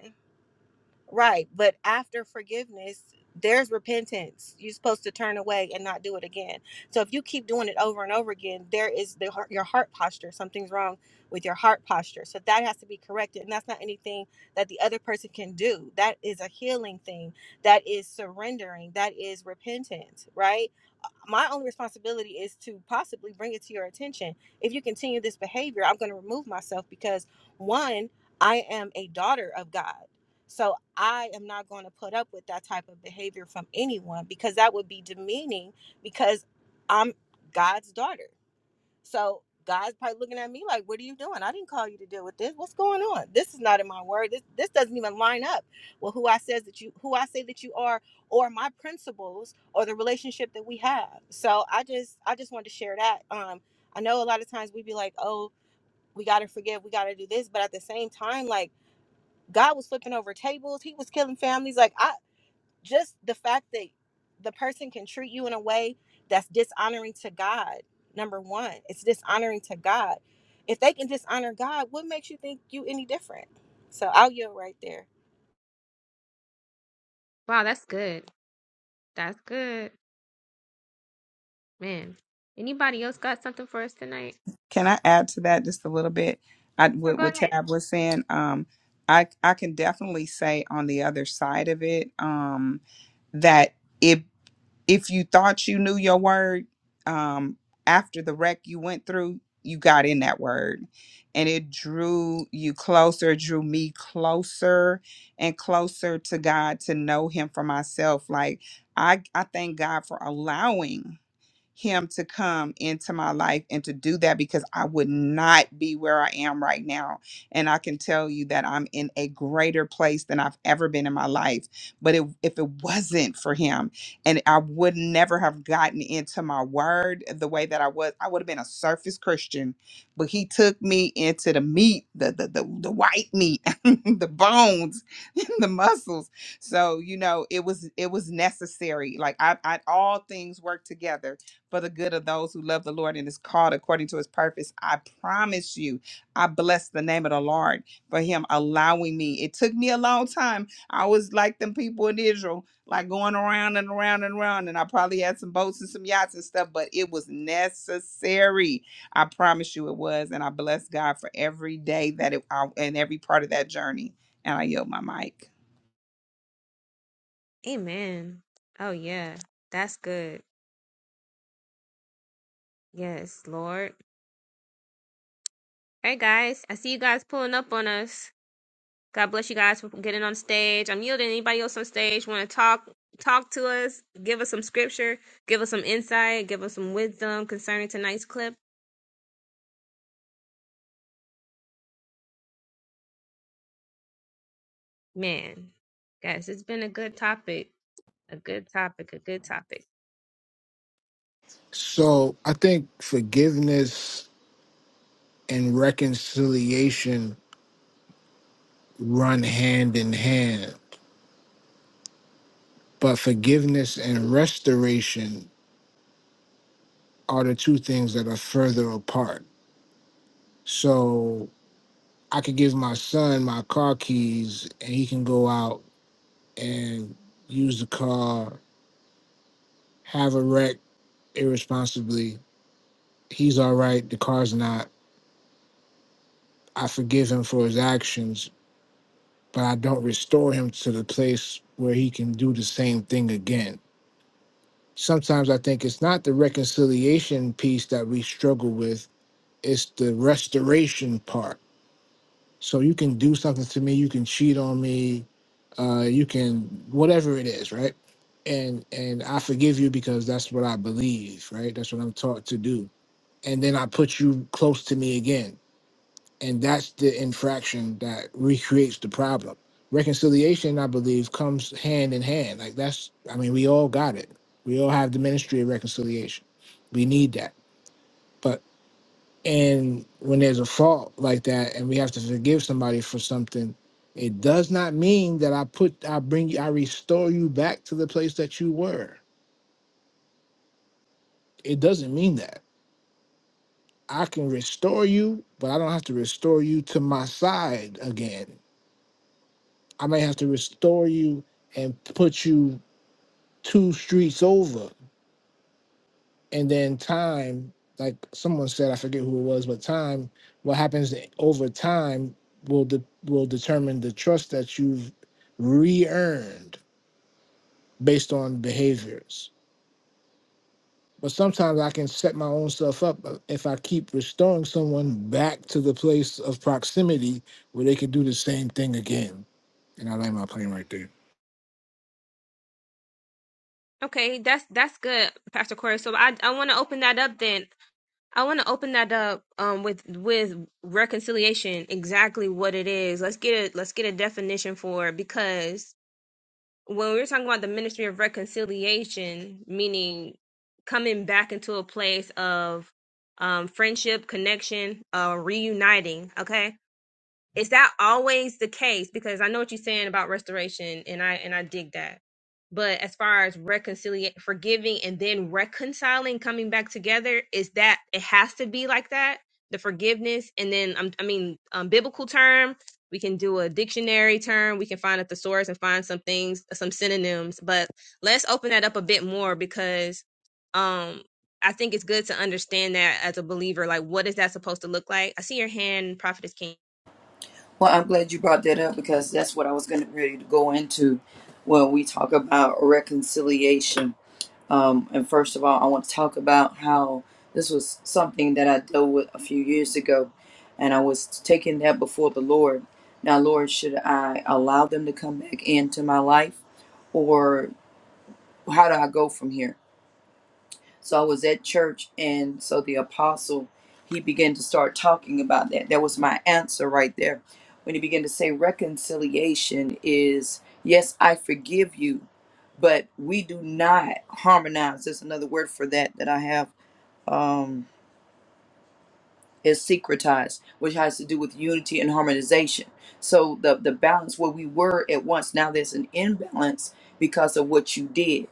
Speaker 16: Right. But after forgiveness, there's repentance. You're supposed to turn away and not do it again. So if you keep doing it over and over again, there is the heart, your heart posture. Something's wrong with your heart posture. So that has to be corrected. And that's not anything that the other person can do. That is a healing thing. That is surrendering. That is repentance, right? my only responsibility is to possibly bring it to your attention. If you continue this behavior, I'm going to remove myself because one, I am a daughter of God. So I am not going to put up with that type of behavior from anyone because that would be demeaning because I'm God's daughter. So God's probably looking at me like, "What are you doing? I didn't call you to deal with this. What's going on? This is not in my word. This this doesn't even line up with who I says that you who I say that you are, or my principles, or the relationship that we have." So I just I just wanted to share that. Um, I know a lot of times we be like, "Oh, we got to forgive. We got to do this," but at the same time, like God was flipping over tables. He was killing families. Like I just the fact that the person can treat you in a way that's dishonoring to God. Number one, it's dishonoring to God. If they can dishonor God, what makes you think you any different? So I'll yield right there.
Speaker 1: Wow, that's good. That's good, man. Anybody else got something for us tonight?
Speaker 2: Can I add to that just a little bit? I
Speaker 1: Or
Speaker 2: what,
Speaker 1: go
Speaker 2: what
Speaker 1: ahead.
Speaker 2: Tab was saying. Um, I I can definitely say on the other side of it, um, that if if you thought you knew your word um after the wreck you went through you got in that word and it drew you closer drew me closer and closer to god to know him for myself like i i thank god for allowing him to come into my life and to do that because I would not be where I am right now. And I can tell you that I'm in a greater place than I've ever been in my life. But it, if it wasn't for him, and I would never have gotten into my word the way that I was, I would have been a surface Christian. But he took me into the meat, the the the, the white meat, [LAUGHS] the bones, [LAUGHS] the muscles. So you know, it was it was necessary. Like I, I all things work together for the good of those who love the Lord and is called according to his purpose. I promise you, I bless the name of the Lord for him allowing me. It took me a long time. I was like them people in Israel, like going around and around and around. And I probably had some boats and some yachts and stuff, but it was necessary. I promise you it was. And I bless God for every day that it I, and every part of that journey. And I yield my mic.
Speaker 1: Amen. Oh yeah, that's good. Yes, Lord. Hey guys, I see you guys pulling up on us. God bless you guys for getting on stage. I'm yielding. Anybody else on stage want to talk? Talk to us. Give us some scripture. Give us some insight. Give us some wisdom concerning tonight's clip. Man, guys, it's been a good topic. A good topic. A good topic.
Speaker 7: So I think forgiveness and reconciliation run hand in hand, but forgiveness and restoration are the two things that are further apart. So I could give my son my car keys, and he can go out and use the car, have a wreck irresponsibly. He's all right. The car's not. I forgive him for his actions, but I don't restore him to the place where he can do the same thing again. Sometimes I think it's not the reconciliation piece that we struggle with, it's the restoration part. So you can do something to me, you can cheat on me, uh, you can whatever it is, right? And and I forgive you because that's what I believe, right? That's what I'm taught to do. And then I put you close to me again and that's the infraction that recreates the problem. Reconciliation, I believe, comes hand in hand. Like that's, I mean, we all got it. We all have the ministry of reconciliation. We need that. But and when there's a fault like that, and we have to forgive somebody for something, it does not mean that I put, I bring you, I restore you back to the place that you were. It doesn't mean that. I can restore you, but I don't have to restore you to my side again I may have to restore you and put you two streets over. And then time, like someone said, I forget who it was, but time, what happens over time will de- will determine the trust that you've re-earned based on behaviors. But sometimes I can set my own stuff up if I keep restoring someone back to the place of proximity where they can do the same thing again. And I land my plane right there.
Speaker 1: Okay, that's that's good, Pastor Corey. So I I want to open that up then. I want to open that up um with with reconciliation. Exactly what it is. Let's get it. Let's get a definition for it because when we were talking about the ministry of reconciliation, meaning coming back into a place of um, friendship, connection, uh, reuniting. Okay, is that always the case? Because I know what you're saying about restoration, and I and I dig that. But as far as reconciliate, forgiving, and then reconciling, coming back together, is that it has to be like that? The forgiveness, and then um, I mean, um, biblical term. We can do a dictionary term. We can find a thesaurus and find some things, some synonyms. But let's open that up a bit more because um, I think it's good to understand that as a believer. Like, what is that supposed to look like? I see your hand, Prophetess King.
Speaker 4: Well, I'm glad you brought that up because that's what I was going to ready to go into when we talk about reconciliation. Um, and first of all, I want to talk about how this was something that I dealt with a few years ago, and I was taking that before the Lord. Now, Lord, should I allow them to come back into my life, or how do I go from here? So I was at church, and so the apostle he began to start talking about that. That was my answer right there. When he began to say reconciliation is yes, I forgive you, but we do not harmonize. There's another word for that that I have. Um, is syncretized, which has to do with unity and harmonization. So the the balance where we were at once, now there's an imbalance because of what you did.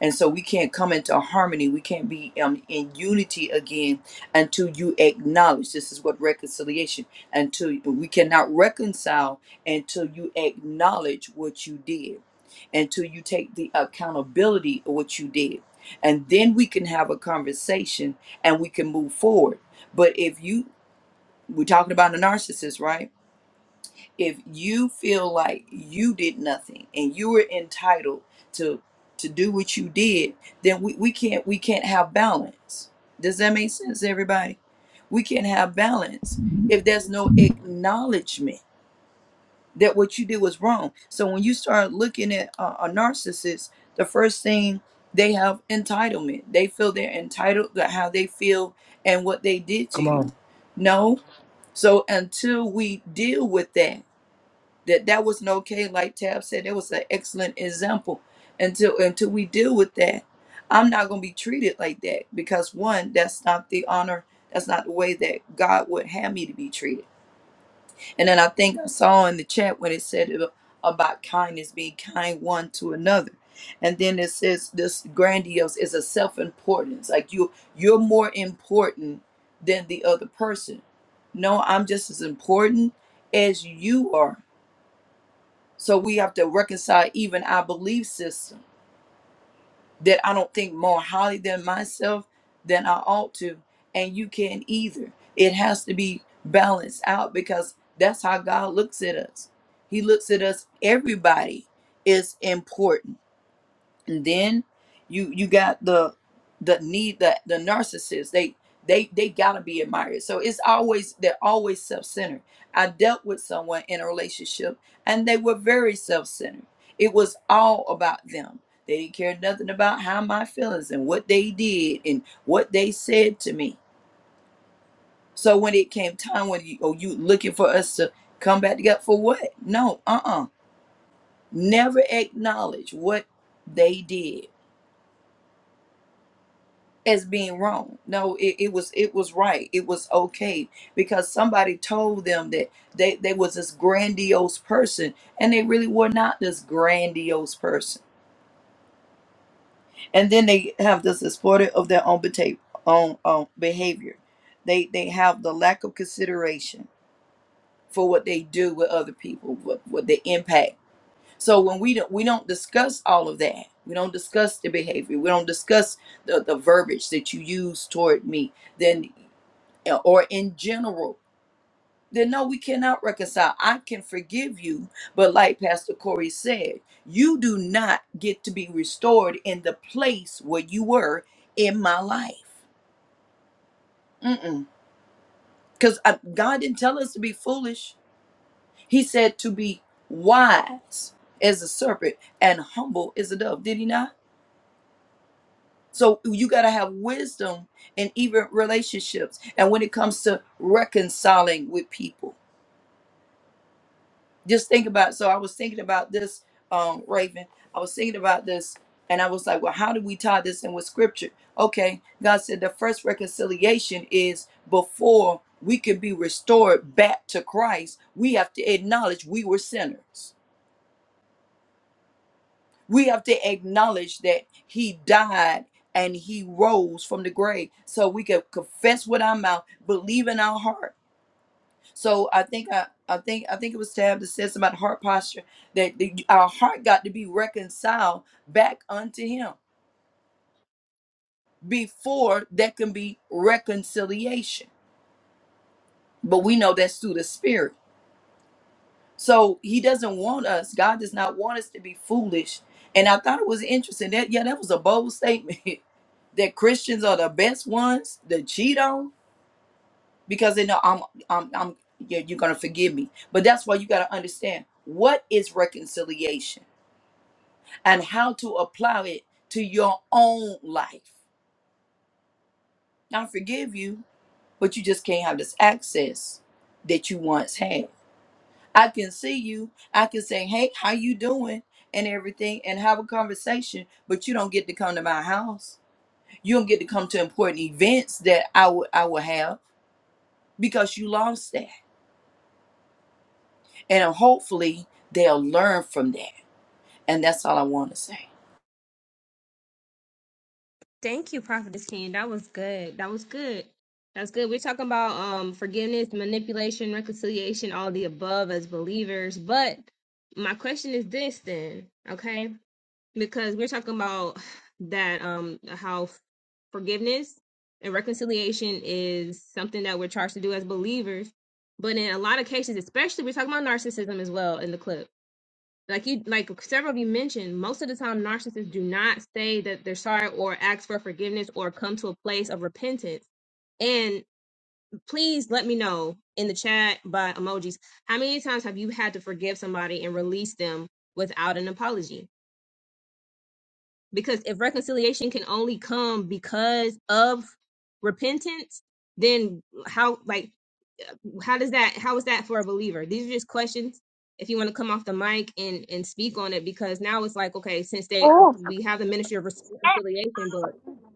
Speaker 4: And so we can't come into harmony. We can't be um, in unity again until you acknowledge. This is what reconciliation. Until we cannot reconcile until you acknowledge what you did, until you take the accountability of what you did, and then we can have a conversation and we can move forward but if you, we're talking about a narcissist, right? If you feel like you did nothing and you were entitled to to do what you did, then we, we can't we can't have balance. Does that make sense, everybody? We can't have balance if there's no acknowledgement that what you did was wrong. So when you start looking at a, a narcissist, the first thing they have entitlement. They feel they're entitled to how they feel and what they did to
Speaker 7: Come
Speaker 4: you.
Speaker 7: on.
Speaker 4: No, so until we deal with that, that that wasn't okay, like Tab said, that was an excellent example. Until until we deal with that, I'm not gonna be treated like that because one, that's not the honor, that's not the way that God would have me to be treated. And then I think I saw in the chat when it said ab- about kindness, being kind one to another. And then it says this grandiose is a self-importance. Like you you're more important than the other person. No, I'm just as important as you are. So we have to reconcile even our belief systems that I don't think more highly than myself than I ought to. And you can't either. It has to be balanced out because that's how God looks at us. He looks at us, everybody is important and then you you got the the need that the the narcissist they they they gotta be admired so it's always they're always self-centered i dealt with someone in a relationship and they were very self-centered it was all about them they didn't care nothing about how my feelings and what they did and what they said to me so when it came time when you oh you looking for us to come back together for what no uh-uh never acknowledge what they did as being wrong. No, it, it was it was right. It was okay because somebody told them that they, they was this grandiose person and they really were not this grandiose person. And then they have this exploited of their own, beta- own um, behavior. They they have the lack of consideration for what they do with other people, what, what the impact. So when we don't we don't discuss all of that. We don't discuss the behavior. We don't discuss the, the verbiage that you use toward me. Then uh, or in general, then no, we cannot reconcile. I can forgive you, but like Pastor Corey said, you do not get to be restored in the place where you were in my life. Mm-mm. Because God didn't tell us to be foolish, He said to be wise as a serpent and humble as a dove. Did He not? So you got to have wisdom in even relationships and when it comes to reconciling with people. just think about so i was thinking about this um raven i was thinking about this and i was like well how do we tie this in with scripture okay god said the first reconciliation is before we can be restored back to christ we have to acknowledge we were sinners we have to acknowledge that he died and he rose from the grave so we can confess with our mouth believe in our heart So I think I, I think I think it was Tab that said something about heart posture that the, our heart got to be reconciled back unto Him before there can be reconciliation. But we know that's through the Spirit. So He doesn't want us. God does not want us to be foolish. And I thought it was interesting that yeah, that was a bold statement [LAUGHS] that Christians are the best ones to cheat on because they know I'm I'm I'm yeah, you're gonna forgive me. But that's why you got to understand what is reconciliation and how to apply it to your own life. I forgive you, but you just can't have this access that you once had. I can see you. I can say, "Hey, how you doing?" and everything and have a conversation, but you don't get to come to my house. You don't get to come to important events that I would I would have because you lost that. And hopefully they'll learn from that. And that's all I want to say.
Speaker 1: Thank you, Prophetess King. That was good. That was good. That's good. We're talking about um forgiveness, manipulation, reconciliation, all the above as believers. But my question is this then, okay? Because we're talking about that um how forgiveness and reconciliation is something that we're charged to do as believers. But in a lot of cases, especially we're talking about narcissism as well in the clip like you like several of you mentioned most of the time narcissists do not say that they're sorry or ask for forgiveness or come to a place of repentance and please let me know in the chat by emojis how many times have you had to forgive somebody and release them without an apology because if reconciliation can only come because of repentance then how like how does that? How is that for a believer? These are just questions. If you want to come off the mic and and speak on it, because now it's like okay, since they
Speaker 17: Oh,
Speaker 1: we have the ministry of reconciliation, but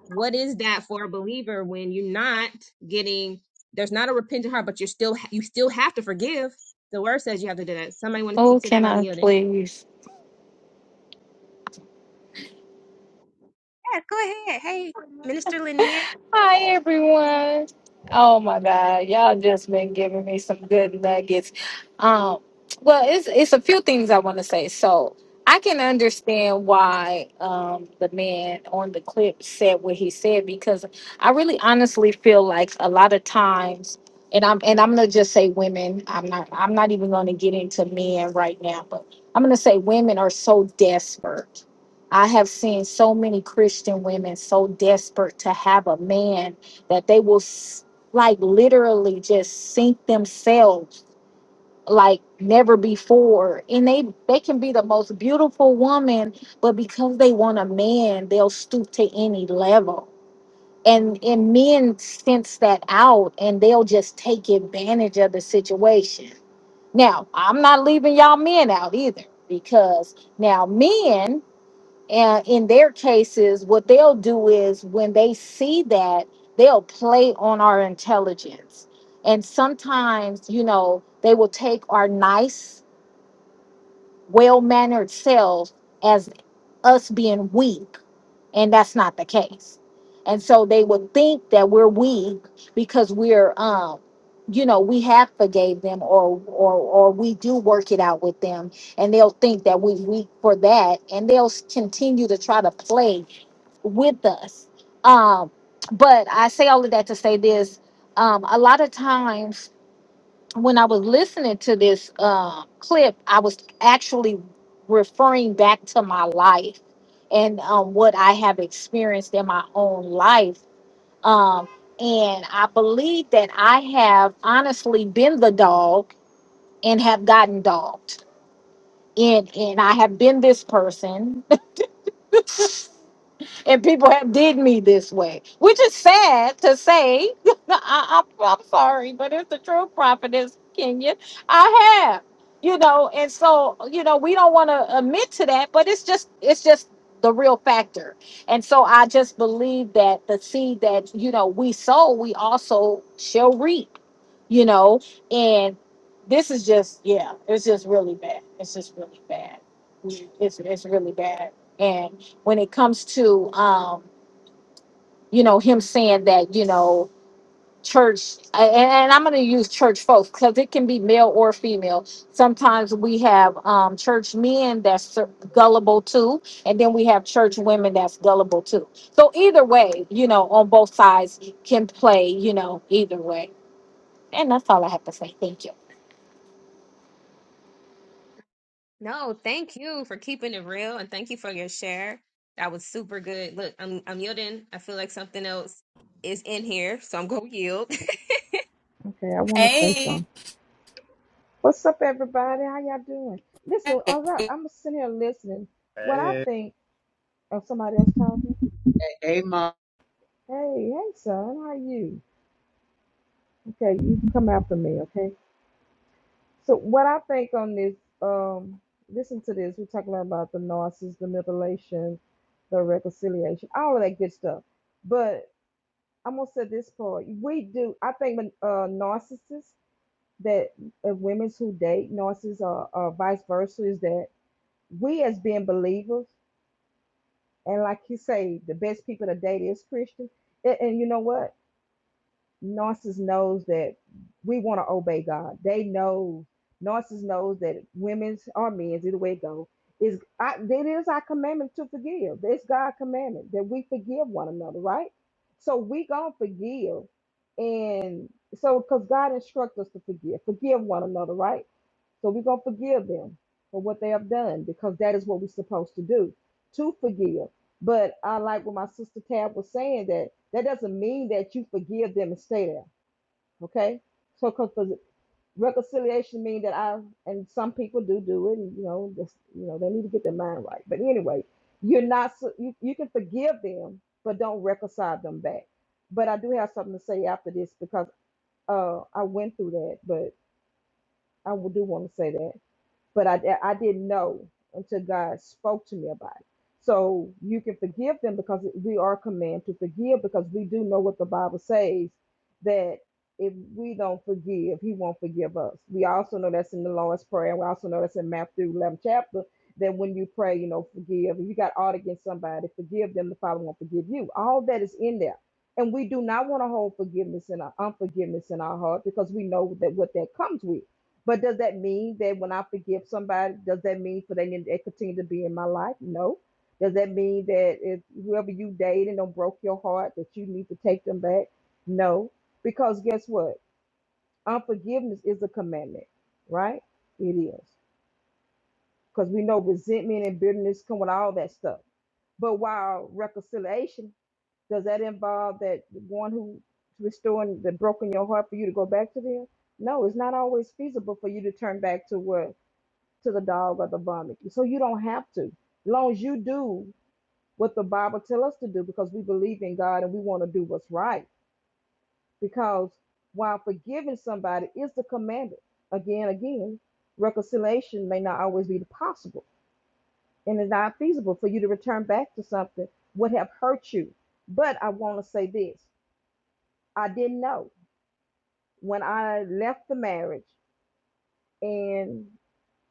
Speaker 1: what is that for a believer when you're not getting? There's not a repentant heart, but you're still you still have to forgive. The word says you have to do that. Somebody want to
Speaker 17: oh,
Speaker 1: speak to
Speaker 17: can
Speaker 1: that? I'm
Speaker 17: I
Speaker 1: yielding.
Speaker 17: please?
Speaker 1: Yeah, go ahead. Hey, Minister Lanier.
Speaker 17: Hi, everyone. Oh my God, y'all just been giving me some good nuggets. Um, well, it's it's a few things I want to say. So I can understand why um the man on the clip said what he said because I really honestly feel like a lot of times. And I'm and I'm gonna just say women. I'm not I'm not even gonna get into men right now, but I'm gonna say women are so desperate I have seen so many Christian women so desperate to have a man that they will s- like literally just sink themselves like never before and they they can be the most beautiful woman but because they want a man they'll stoop to any level and and men sense that out and they'll just take advantage of the situation now i'm not leaving y'all men out either because now men and in their cases, what they'll do is when they see that, they'll play on our intelligence. And sometimes, you know, they will take our nice, well mannered self as us being weak, and that's not the case. And so they would think that we're weak because we're, um, you know, we have forgave them, or or or we do work it out with them, and they'll think that we're weak for that, and they'll s- continue to try to play with us. Um, but I say all of that to say this: um, a lot of times when I was listening to this uh, clip, I was actually referring back to my life and um, what I have experienced in my own life. Um, and I believe that I have honestly been the dog and have gotten dogged. And, and I have been this person and people have did me this way, which is sad to say. [LAUGHS] I, I, I'm sorry, but it's the true prophetess, Kenya. I have, you know, and so you know we don't want to admit to that, but it's just it's just the real factor. And so I just believe that the seed that you know we sow, we also shall reap. You know, and this is just yeah, it's just really bad. It's just really bad. It's it's really bad when it comes to um, you know him saying that you know church a- and, and i'm going to use church folks because it can be male or female sometimes we have um, church men that's ser- gullible too and then we have church women that's gullible too so either way you know on both sides can play you know either way and that's all i have to say thank you
Speaker 1: No, thank you for keeping it real and thank you for your share. That was super good. Look, I'm I'm yielding. I feel like something else is in here, so I'm gonna yield. [LAUGHS]
Speaker 6: Okay, I want to say
Speaker 15: Hey,
Speaker 6: something. What's up, everybody? How y'all doing? Listen, all right, I'm sitting here listening. What I
Speaker 10: Hey,
Speaker 6: think of somebody else talking.
Speaker 11: Amen.
Speaker 6: Hey, hey, son, how are you? Okay, you can come after me. Okay. So what I think on this, um, listen to this. We're talking about the narcissist, the manipulation, the reconciliation, all of that good stuff. But I'm gonna say this part. We do. I think when uh, narcissists that uh, women who date narcissists or, or vice versa is that we as being believers and like you say, the best people to date is Christian. And, and you know what? narcissist knows that we want to obey God. They know narcissist knows that women's or men's either way it go is I, it is our commandment to forgive. It's God's commandment that we forgive one another, right? So we gonna forgive, and so because God instructs us to forgive, forgive one another, right? So we're going to forgive them for what they have done because that is what we're supposed to do to forgive. But I like what my sister Tab was saying that that doesn't mean that you forgive them and stay there. Okay. So because reconciliation means that I, and some people do do it, and, you know, just, you know, they need to get their mind right. But anyway, you're not, su- you, you can forgive them, but don't reconcile them back. But I do have something to say after this because uh, I went through that, but I do want to say that but I, I didn't know until God spoke to me about it. So you can forgive them because we are commanded to forgive because we do know what the Bible says that if we don't forgive, He won't forgive us. We also know that's in the Lord's Prayer. We also know that's in Matthew 11 chapter that when you pray, you know, forgive. If you got ought against somebody, forgive them. The Father won't forgive you. All that is in there. And we do not want to hold forgiveness and unforgiveness in our heart because we know that what that comes with. But does that mean that when I forgive somebody, does that mean for they can they continue to be in my life? No. Does that mean that if whoever you dated don't broke your heart that you need to take them back? No. Because guess what? Unforgiveness is a commandment, right? It is. Because we know resentment and bitterness come with all that stuff. But while reconciliation, does that involve that one who restoring the broken your heart for you to go back to them? No, it's not always feasible for you to turn back to what to the dog or the vomit. So you don't have to. As long as you do what the Bible tells us to do because we believe in God and we want to do what's right. Because while forgiving somebody is the commandment, again, again, reconciliation may not always be possible and it's not feasible for you to return back to something would have hurt you. But I want to say this. I didn't know when I left the marriage and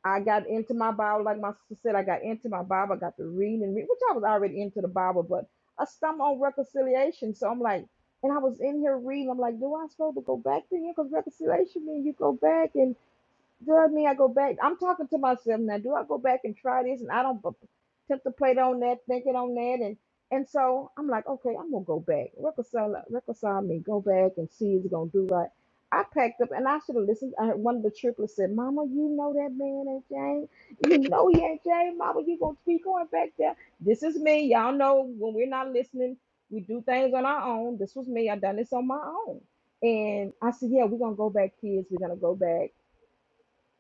Speaker 6: I got into my Bible, like my sister said, I got into my Bible, I got to read and read, which I was already into the Bible, but I stumbled on reconciliation. So I'm like, and I was in here reading, I'm like, do I supposed to go back to him? Because reconciliation means you go back. and. Does me, I go back. I'm talking to myself now. Do I go back and try this? And I don't b- tempt on that, thinking on that, and and so I'm like, okay, I'm gonna go back, reconcile, reconcile me, go back and see is it gonna do right. I packed up and I should have listened. I heard one of the triplets said, "Mama, you know that man ain't Jane. You know he ain't Jane. Mama, you gonna be going back there? This is me. Y'all know when we're not listening, we do things on our own. This was me. I done this on my own." And I said, "Yeah, we're gonna go back, kids. We're gonna go back."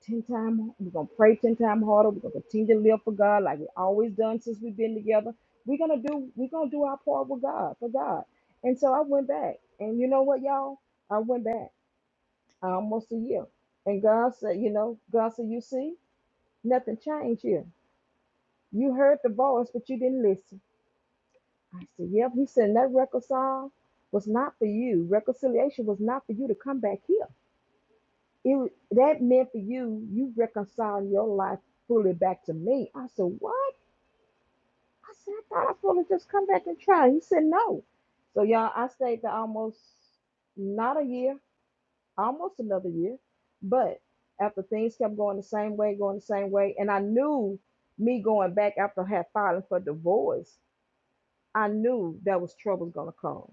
Speaker 6: ten time. We're gonna pray ten time harder. We're gonna continue to live for God like we always done since we've been together. We're gonna do we're gonna do our part with God for God. And so I went back, and you know what, y'all? I went back almost a year, and God said, you know, God said, you see, nothing changed here. You heard the voice, but you didn't listen. I said, yep. He said that reconcile was not for you. Reconciliation was not for you to come back here. It was- that meant for you, you reconciling your life fully back to me. I said, What? I said, I thought I fully just come back and try. He said, No. So y'all, I stayed there almost not a year, almost another year. But after things kept going the same way, going the same way, and I knew me going back after I had filing for divorce, I knew that was trouble gonna come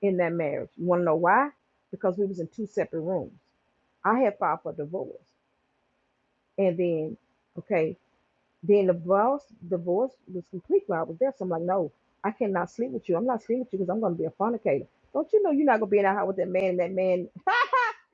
Speaker 6: in that marriage. You wanna know why? Because we was in two separate rooms. I had filed for divorce. And then, okay, then the divorce, divorce was complete when I was there. So I'm like, no, I cannot sleep with you. I'm not sleeping with you because I'm going to be a fornicator. Don't you know you're not going to be in that house with that man and that man? [LAUGHS]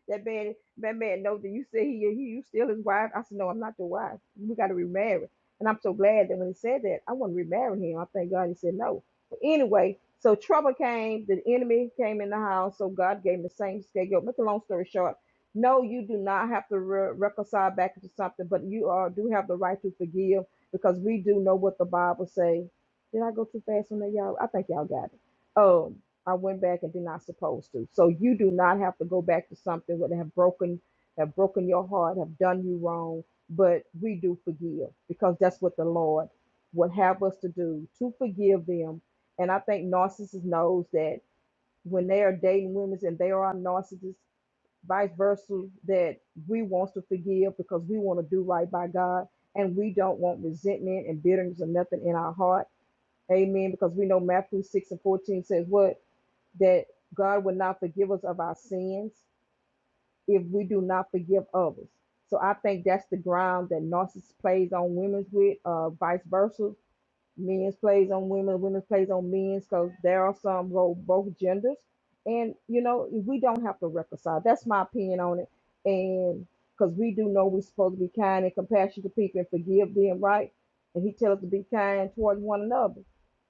Speaker 6: That man, that man knows that you said he, he you still his wife. I said, No, I'm not your wife. We gotta remarry. And I'm so glad that when he said that, I want to remarry him. I thank God he said no. But anyway, so trouble came, the enemy came in the house, so God gave him the same scapegoat. Make a long story short. No, you do not have to re- reconcile back into something, but you are, do have the right to forgive because we do know what the Bible say. Did I go too fast on that, y'all? I think y'all got it. Um, I went back and did not supposed to. So you do not have to go back to something that have broken have broken your heart, have done you wrong. But we do forgive because that's what the Lord would have us to do to forgive them. And I think narcissist knows that when they are dating women and they are narcissists, vice versa, that we want to forgive because we want to do right by God and we don't want resentment and bitterness or nothing in our heart. Amen. Because we know Matthew 6 and 14 says what? that God will not forgive us of our sins if we do not forgive others. So I think that's the ground that narcissist plays on women's with, uh, vice versa. Men's plays on women, women's plays on men's, because there are some go both genders. And you know, we don't have to reconcile. That's my opinion on it. And because we do know we're supposed to be kind and compassionate to people and forgive them, right? And he tells us to be kind towards one another.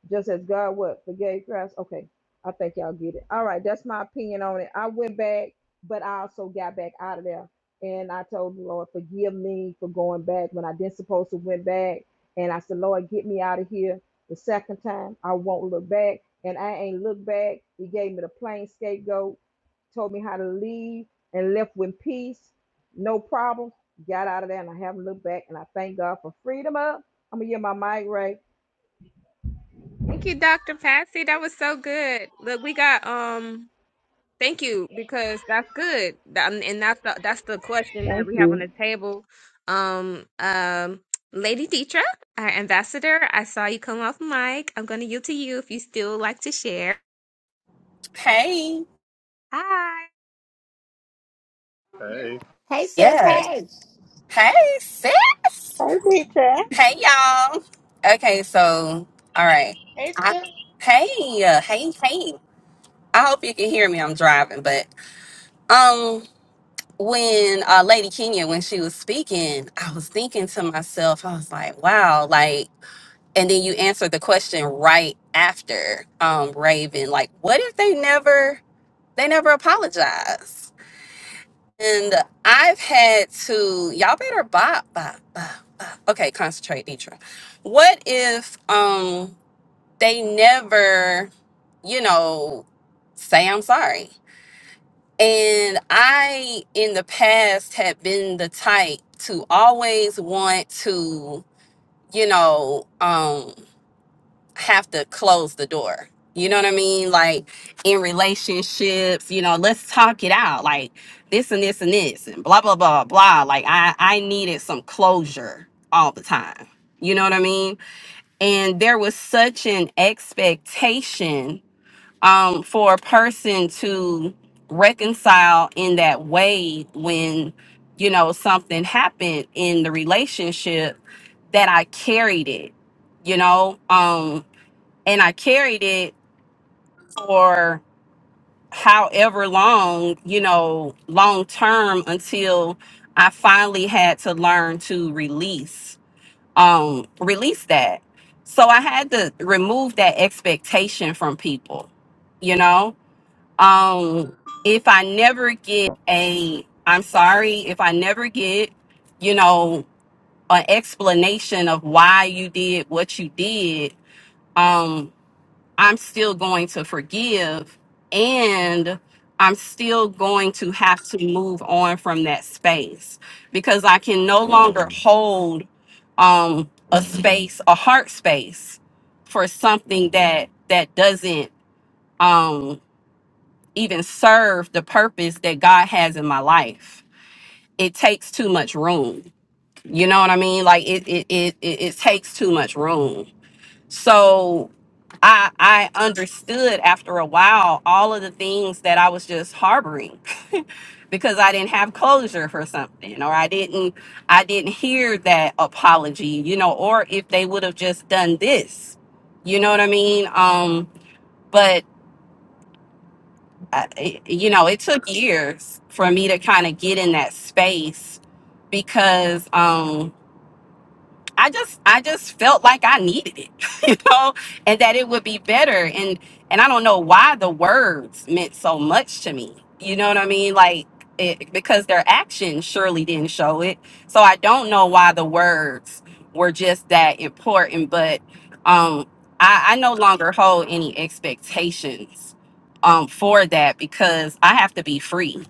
Speaker 6: Just as God what forgave Christ. Okay, I think y'all get it. All right, that's my opinion on it. I went back, but I also got back out of there, and I told the Lord, forgive me for going back when I didn't supposed to went back. And I said, Lord, get me out of here. The second time, I won't look back, and I ain't look back. He gave me the plain scapegoat, told me how to leave, and left with peace, no problem. Got out of there, and I haven't looked back. And I thank God for freedom. Up, I'm gonna get my mic right.
Speaker 1: Thank you, Dr. Patsy. That was so good. Look, we got um thank you because that's good. That- um, and that's the that's the question that
Speaker 6: Thank
Speaker 1: we have on
Speaker 6: you.
Speaker 1: the table. Um um Lady Dietra, our ambassador, I saw you come off mic. I'm gonna yield to you if you still like to share.
Speaker 15: hey,
Speaker 1: Hi.
Speaker 10: hey.
Speaker 3: Hey, sis. Hey.
Speaker 15: Yes. hey, sis.
Speaker 16: Hey, teacher.
Speaker 15: Hey, y'all. Okay, so, all right.
Speaker 18: Hey,
Speaker 15: I, Hey, uh, hey, hey. I hope you can hear me. I'm driving, but um, when uh, Lady Kenya, when she was speaking, I was thinking to myself, I was like, wow, like, and then you answered the question right after um Raven, like, what if they never, they never apologize? And I've had to, y'all better bop, bop, bop, bop. Okay, concentrate, Nitra. What if um they never, you know, say I'm sorry? And I, in the past, had been the type to always want to, you know, um have to close the door. You know what I mean? Like in relationships, you know, let's talk it out. Like this and this and this and blah blah blah blah. Like I I needed some closure all the time. You know what I mean? And there was such an expectation um for a person to reconcile in that way when you know something happened in the relationship that I carried it you know um and I carried it for however long, you know, long term until I finally had to learn to release um release that. So I had to remove that expectation from people, you know? Um if I never get a I'm sorry, if I never get, you know, an explanation of why you did what you did, um, I'm still going to forgive and I'm still going to have to move on from that space because I can no longer hold um a space, a heart space for something that that doesn't um even serve the purpose that God has in my life. It takes too much room. You know what I mean? Like it it it it, it takes too much room so i i understood after a while all of the things that i was just harboring [LAUGHS] because i didn't have closure for something or i didn't i didn't hear that apology you know or if they would have just done this you know what i mean um but I, it- you know it took years for me to kind of get in that space because um, I just I just felt like I needed it, [LAUGHS] you know, and that it would be better. And and I don't know why the words meant so much to me. You know what I mean? Like it, because their actions surely didn't show it. So I don't know why the words were just that important. But um, I, I no longer hold any expectations um, for that because I have to be free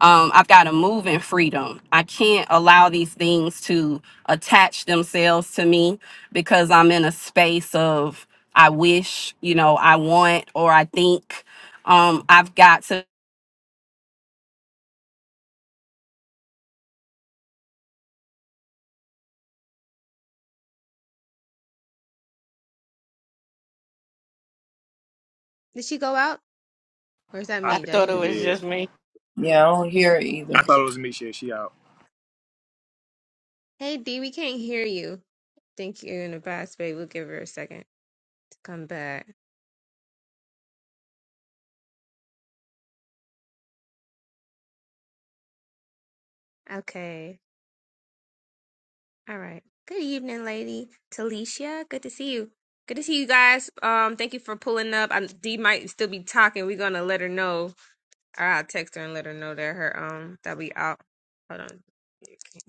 Speaker 15: um, I've got to move in freedom. I can't allow these things to attach themselves to me because I'm in a space of I wish, you know, I want or I think. Um, I've got to.
Speaker 1: Did she go out? Or does that
Speaker 10: I
Speaker 3: I
Speaker 1: mean?
Speaker 10: think
Speaker 1: That she
Speaker 3: thought it
Speaker 10: she
Speaker 1: didn't
Speaker 3: was
Speaker 1: yield
Speaker 10: did.
Speaker 3: just me.
Speaker 4: Yeah, I
Speaker 1: her.
Speaker 4: don't hear it either.
Speaker 10: I
Speaker 1: Mm-hmm.
Speaker 10: thought it was me. She, she out.
Speaker 1: Hey D, we can't hear you. Think you're in a bad space. We'll give her a second to come back. Okay. All right. Good evening, lady. Talisha, good to see you. Good to see you guys. Um, thank you for pulling up. I, D might still be talking. We're gonna let her know. Or I'll text her and let her know that her um that we out. Hold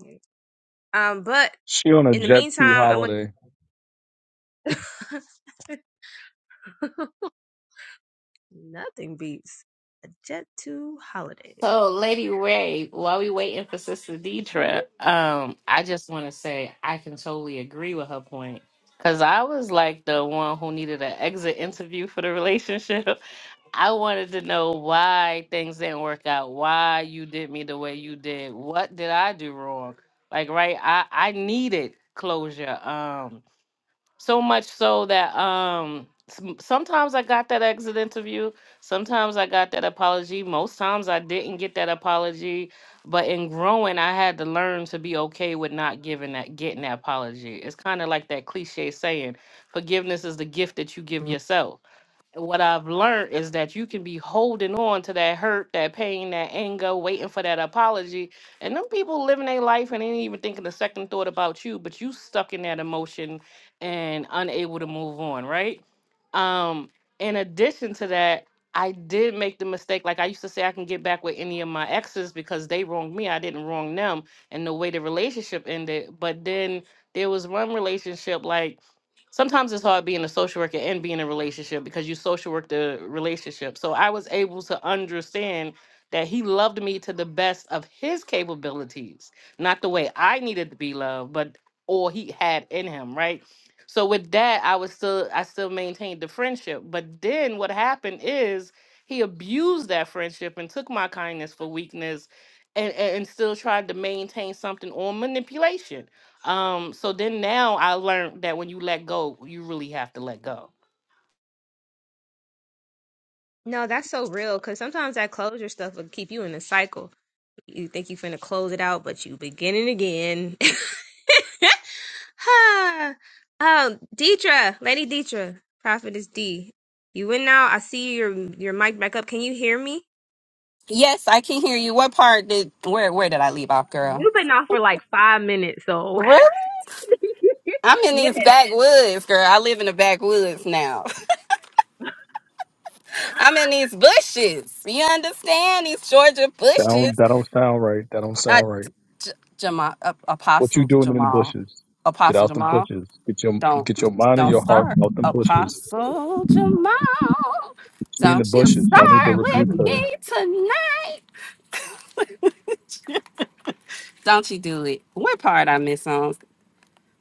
Speaker 1: on. Um, but
Speaker 19: She on a
Speaker 1: in the
Speaker 19: jet two
Speaker 1: meantime, I'm like
Speaker 19: holiday.
Speaker 1: nothing beats Jet to Holiday.
Speaker 3: So, Lady Ray, while we waiting for Sister
Speaker 1: Mhm.
Speaker 3: Deidre, um, I just want to say I can totally agree with her point because I was like the one who needed an exit interview for the relationship. [LAUGHS] I wanted to know why things didn't work out, why you did me the way you did, what did I do wrong? Like, right? I I needed closure. Um, so much so that um some- sometimes I got that exit interview, sometimes I got that apology, most times I didn't get that apology, but in growing I had to learn to be okay with not giving that getting that apology. It's kind of like that cliche saying, forgiveness is the gift that you give Mhm. yourself. And what I've learned is that you can be holding on to that hurt, that pain, that anger, waiting for that apology. And them people living their life and ain't even thinking a second thought about you, but you stuck in that emotion and unable to move on, right? Um, in addition to that, I did make the mistake. Like I used to say, I can get back with any of my exes because they wronged me. I didn't wrong them. And the way the relationship ended. But then there was one relationship, like, sometimes it's hard being a social worker and being in a relationship because you social work the relationship. So I was able to understand that he loved me to the best of his capabilities, not the way I needed to be loved, but all he had in him, right? So with that, I was still I still maintained the friendship. But then what happened is he abused that friendship and took my kindness for weakness and, and, and still tried to maintain something on manipulation. Um, so then now I learned that when you let go, you really have to let go.
Speaker 1: No, that's so real because sometimes that closure stuff will keep you in a cycle. You think you finna close it out, but you beginning again. [LAUGHS] Ah, um, Deidre, Lady Deidre, Prophetess D. You in now. I see your your mic back up. Can you hear me?
Speaker 15: Yes, I can hear you. What part did where where did I leave off, girl?
Speaker 1: You've been off for like five minutes, so
Speaker 15: Really? I'm
Speaker 1: [LAUGHS]
Speaker 15: in
Speaker 1: yes.
Speaker 15: these backwoods, girl. I live in the backwoods now. [LAUGHS] I'm in these bushes. You understand these Georgia
Speaker 19: That don't
Speaker 15: bushes?
Speaker 19: that don't sound right. That don't
Speaker 15: I,
Speaker 19: sound right.
Speaker 15: J- Jamal, uh,
Speaker 19: What you
Speaker 15: Apostle
Speaker 19: doing in the
Speaker 15: Jamal,
Speaker 19: bushes? Get
Speaker 15: Apostle
Speaker 19: out them
Speaker 15: Jamal.
Speaker 19: bushes. Get your
Speaker 15: Don't
Speaker 19: get your mind and
Speaker 15: don't
Speaker 19: your heart
Speaker 15: start.
Speaker 19: out them bushes.
Speaker 15: Apostle Jamal.
Speaker 19: She in the
Speaker 15: Don't you
Speaker 19: bushes. Y'all need to
Speaker 15: start with
Speaker 19: rebuke her.
Speaker 15: me tonight. Don't you do it. What part I miss on?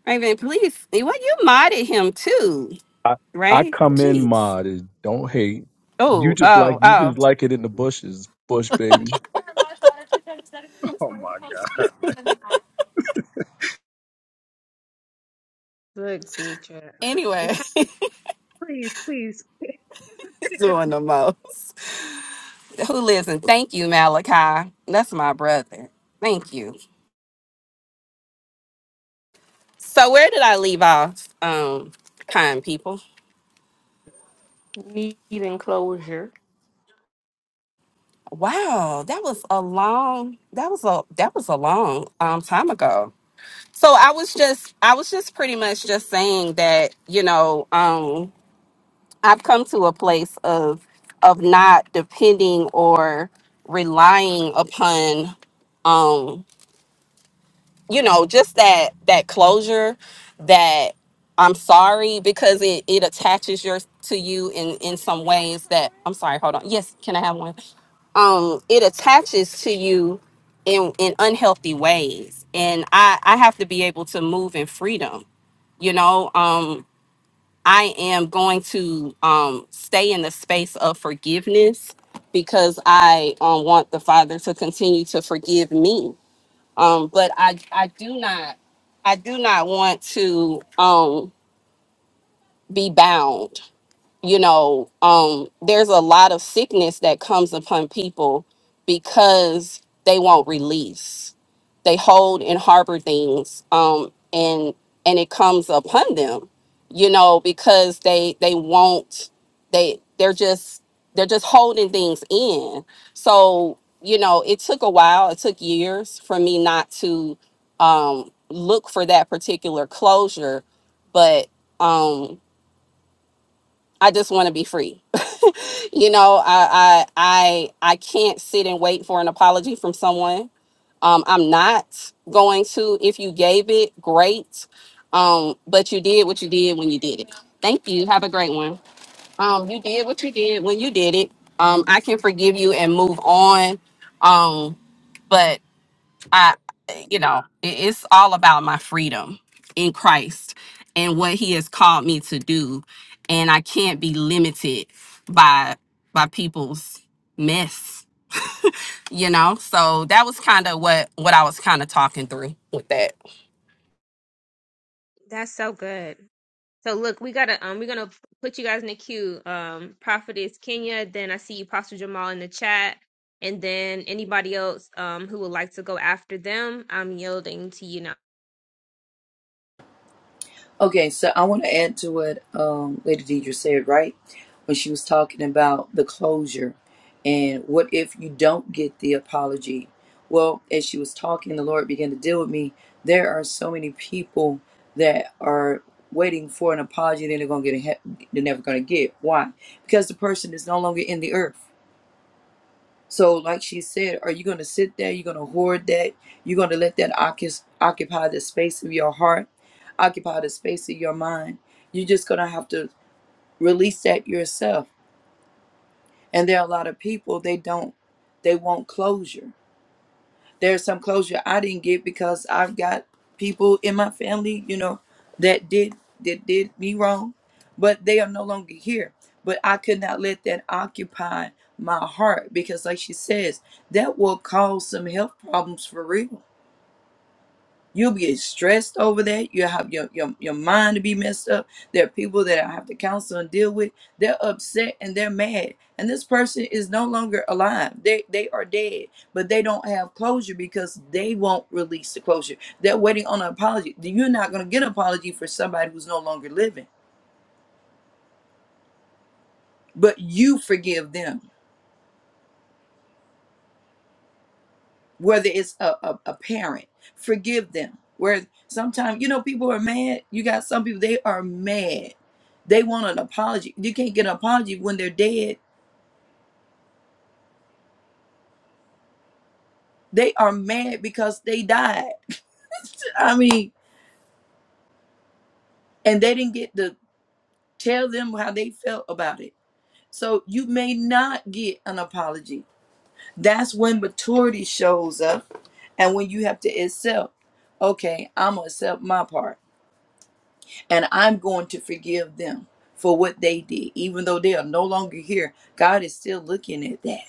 Speaker 15: Raven, please. Well, you modded him too,
Speaker 19: I I
Speaker 15: right?
Speaker 19: come in
Speaker 15: Jeez.
Speaker 19: mod and don't hate. You
Speaker 15: Oh,
Speaker 19: just like
Speaker 15: oh,
Speaker 19: you
Speaker 15: oh.
Speaker 19: just like it in the bushes, bush baby.
Speaker 10: [LAUGHS] Oh, my God.
Speaker 1: Look, Deidre, I'm
Speaker 15: Anyway,
Speaker 1: trying.
Speaker 15: [LAUGHS] he's doing the most. Who lives in thank you, Malachi. That's my brother. Thank you. So where did I leave off? Um, kind people.
Speaker 3: Needing closure.
Speaker 15: Wow, that was a long that was a that was a long um time ago. So I was just I was just pretty much just saying that, you know, um I've come to a place of of not depending or relying upon um you know just that that closure that i'm sorry because it it attaches your to you in in some ways that i'm sorry hold on yes can i have one um it attaches to you in in unhealthy ways and i i have to be able to move in freedom you know um i am going to um stay in the space of forgiveness because i um, want the father to continue to forgive me um but i i do not i do not want to um be bound you know um there's a lot of sickness that comes upon people because they won't release they hold and harbor things um and and it comes upon them you know because they they won't they they're just they're just holding things in so you know it took a while it took years for me not to um look for that particular closure but um I just want to be free you know i i i, I can't sit and wait for an apology from someone um, i'm not going to if you gave it great um, but you did what you did when you did it thank you have a great one um, you did what you did when you did it um, i can forgive you and move on um, but I, you know, i- it's all about my freedom in Christ and what He has called me to do, and I can't be limited by by people's mess. You know, so that was kind of what what I was kind of talking through with that.
Speaker 1: That's so good. So look, we gotta um we're gonna put you guys in the queue. Um Prophetess Kenya, then I see you Pastor Jamal in the chat, and then anybody else um who would like to go after them, I'm yielding to you now.
Speaker 4: Okay, so I want to add to what um, Lady Deidre said, right? When she was talking about the closure and what if you don't get the apology? Well, as she was talking, the Lord began to deal with me. There are so many people that are waiting for an apology they're going to get a he- they're never going to get. Why? Because the person is no longer in the earth. So, like she said, are you going to sit there? You're going to hoard that? You're going to let that occu- occupy the space of your heart, occupy the space of your mind. You're just going to have to release that yourself. And there are a lot of people, they don't, they want closure there's some closure I didn't get because I've got people in my family, you know, that did that did me wrong, but they are no longer here. But I could not let that occupy my heart because, like she says, that will cause some health problems for real You'll be stressed over that. You have your, your your mind to be messed up. There are people that I have to counsel and deal with. They're upset and they're mad. And this person is no longer alive. They they are dead, but they don't have closure because they won't release the closure. They're waiting on an apology. You're not gonna get an apology for somebody who's no longer living. But you forgive them. whether it's a, a, a parent forgive them where sometimes you know people are mad you got some people they are mad they want an apology you can't get an apology when they're dead they are mad because they died i mean and they didn't get to tell them how they felt about it so you may not get an apology that's when maturity shows up and when you have to accept okay i'm gonna accept my part and I'm going to forgive them for what they did, even though they are no longer here. God is still looking at that.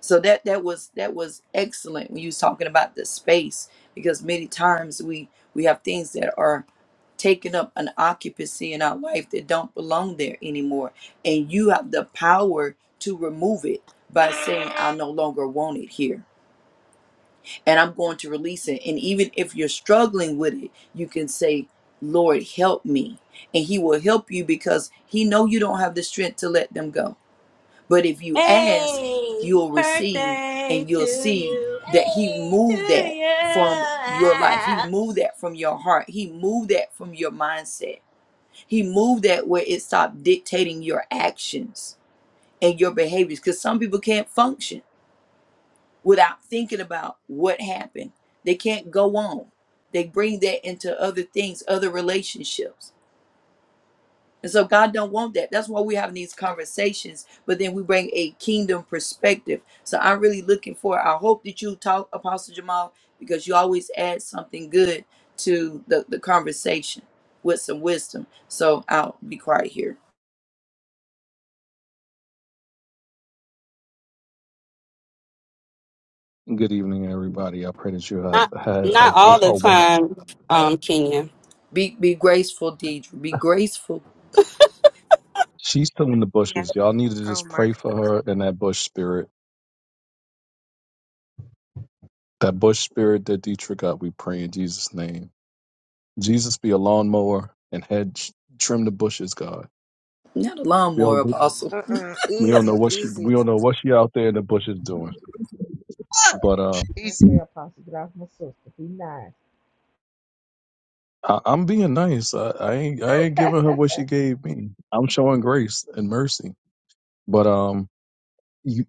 Speaker 4: So that that was that was excellent when you was talking about the space, because many times we we have things that are taking up an occupancy in our life that don't belong there anymore, and you have the power to remove it by saying, "I no longer want it here." and I'm going to release it. And even if you're struggling with it, you can say, Lord, help me. And he will help you because he know you don't have the strength to let them go. But if you
Speaker 9: Hey,
Speaker 4: ask, you'll
Speaker 9: pray
Speaker 4: receive and you'll
Speaker 9: to,
Speaker 4: see that he
Speaker 9: hey,
Speaker 4: moved that from your life. He
Speaker 9: to
Speaker 4: moved that from your heart. He moved that from your mindset. He moved that where it stopped dictating your actions and your behaviors because some people can't function without thinking about what happened. They can't go on. They bring that into other things, other relationships. And so God don't want that. That's why we're having these conversations, but then we bring a kingdom perspective. So I'm really looking for I hope that you talk, Apostle Jamal, because you always add something good to the, the conversation with some wisdom. So I'll be quiet here.
Speaker 19: Good evening, everybody. I pray that you have
Speaker 15: Not
Speaker 19: had a,
Speaker 15: not all the
Speaker 19: a one.
Speaker 15: time, um, Kenya.
Speaker 4: Be be graceful, Deidre. Be graceful.
Speaker 19: She's still in the
Speaker 16: Yeah.
Speaker 19: bushes. Y'all need to
Speaker 16: Oh
Speaker 19: just
Speaker 16: my
Speaker 19: pray for her and that bush spirit. That bush spirit that Dietrich got. We pray in Jesus' name. Jesus be a lawnmower and head sh- trim the bushes, God.
Speaker 4: Not a
Speaker 19: We
Speaker 4: lawnmower
Speaker 19: don't
Speaker 4: apostle.
Speaker 16: God. Uh-uh.
Speaker 19: we don't know
Speaker 16: Easy,
Speaker 19: what she
Speaker 16: easy.
Speaker 19: we don't know what she out there in the bushes doing. But uh
Speaker 11: Peace.
Speaker 6: Okay, Apostle, get off my sister. Be nice.
Speaker 19: I, I'm being nice. I, I ain't I ain't giving her what she gave me. I'm showing grace and mercy. But um you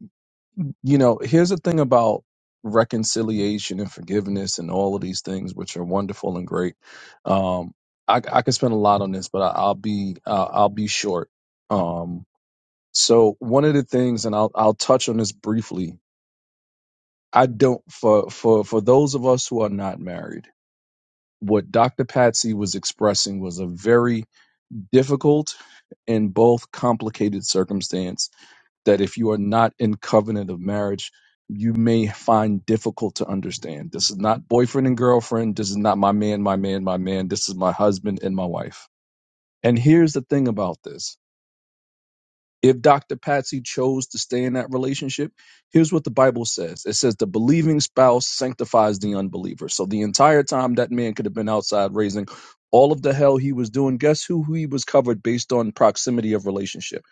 Speaker 19: you know, here's the thing about reconciliation and forgiveness and all of these things which are wonderful and great. Um I I could spend a lot on this, but I, I'll be uh, I'll be short. Um So one of the things, and I'll I'll touch on this briefly. I don't for for for those of us who are not married, what Dr. Patsy was expressing was a very difficult and both complicated circumstance that if you are not in covenant of marriage, you may find difficult to understand. This is not boyfriend and girlfriend. This is not my man, my man, my man. This is my husband and my wife. And here's the thing about this. If Dr. Patsy chose to stay in that relationship, here's what the Bible says it says, the believing spouse sanctifies the unbeliever. So the entire time that man could have been outside raising all of the hell he was doing, guess who he was covered based on proximity of relationship?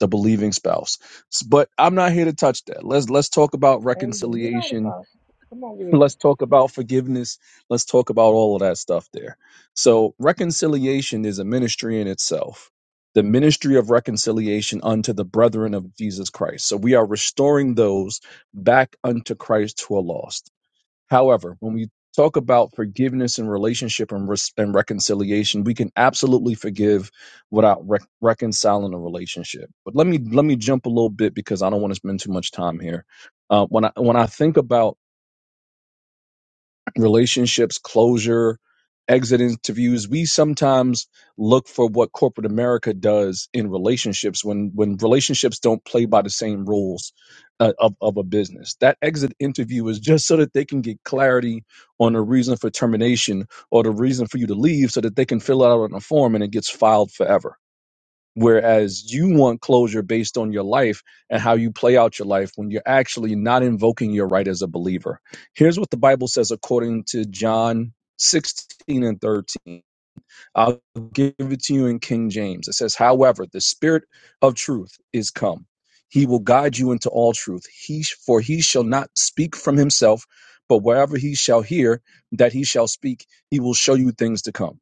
Speaker 19: The believing spouse. S- But I'm not here to touch that. Let's let's talk about
Speaker 6: Amen. You right,
Speaker 19: reconciliation
Speaker 6: Apostle. Come on with you.
Speaker 19: let's talk about forgiveness let's talk about all of that stuff there so reconciliation is a ministry in itself the ministry of reconciliation unto the brethren of jesus christ so we are restoring those back unto christ who are lost however when we talk about forgiveness and relationship and, res- and reconciliation we can absolutely forgive without rec- reconciling a relationship but let me let me jump a little bit because i don't want to spend too much time here uh, when i when i think about relationships, closure, exit interviews. We sometimes look for what corporate America does in relationships when when relationships don't play by the same rules uh, of of a business. That exit interview is just so that they can get clarity on the reason for termination or the reason for you to leave, so that they can fill out on a form and it gets filed forever Whereas you want closure based on your life and how you play out your life when you're actually not invoking your right as a believer. Here's what the Bible says according to John 16 and 13. I'll give it to you in King James. It says, However, the Spirit of truth is come. He will guide you into all truth. He for he shall not speak from himself, but wherever he shall hear that he shall speak, he will show you things to come.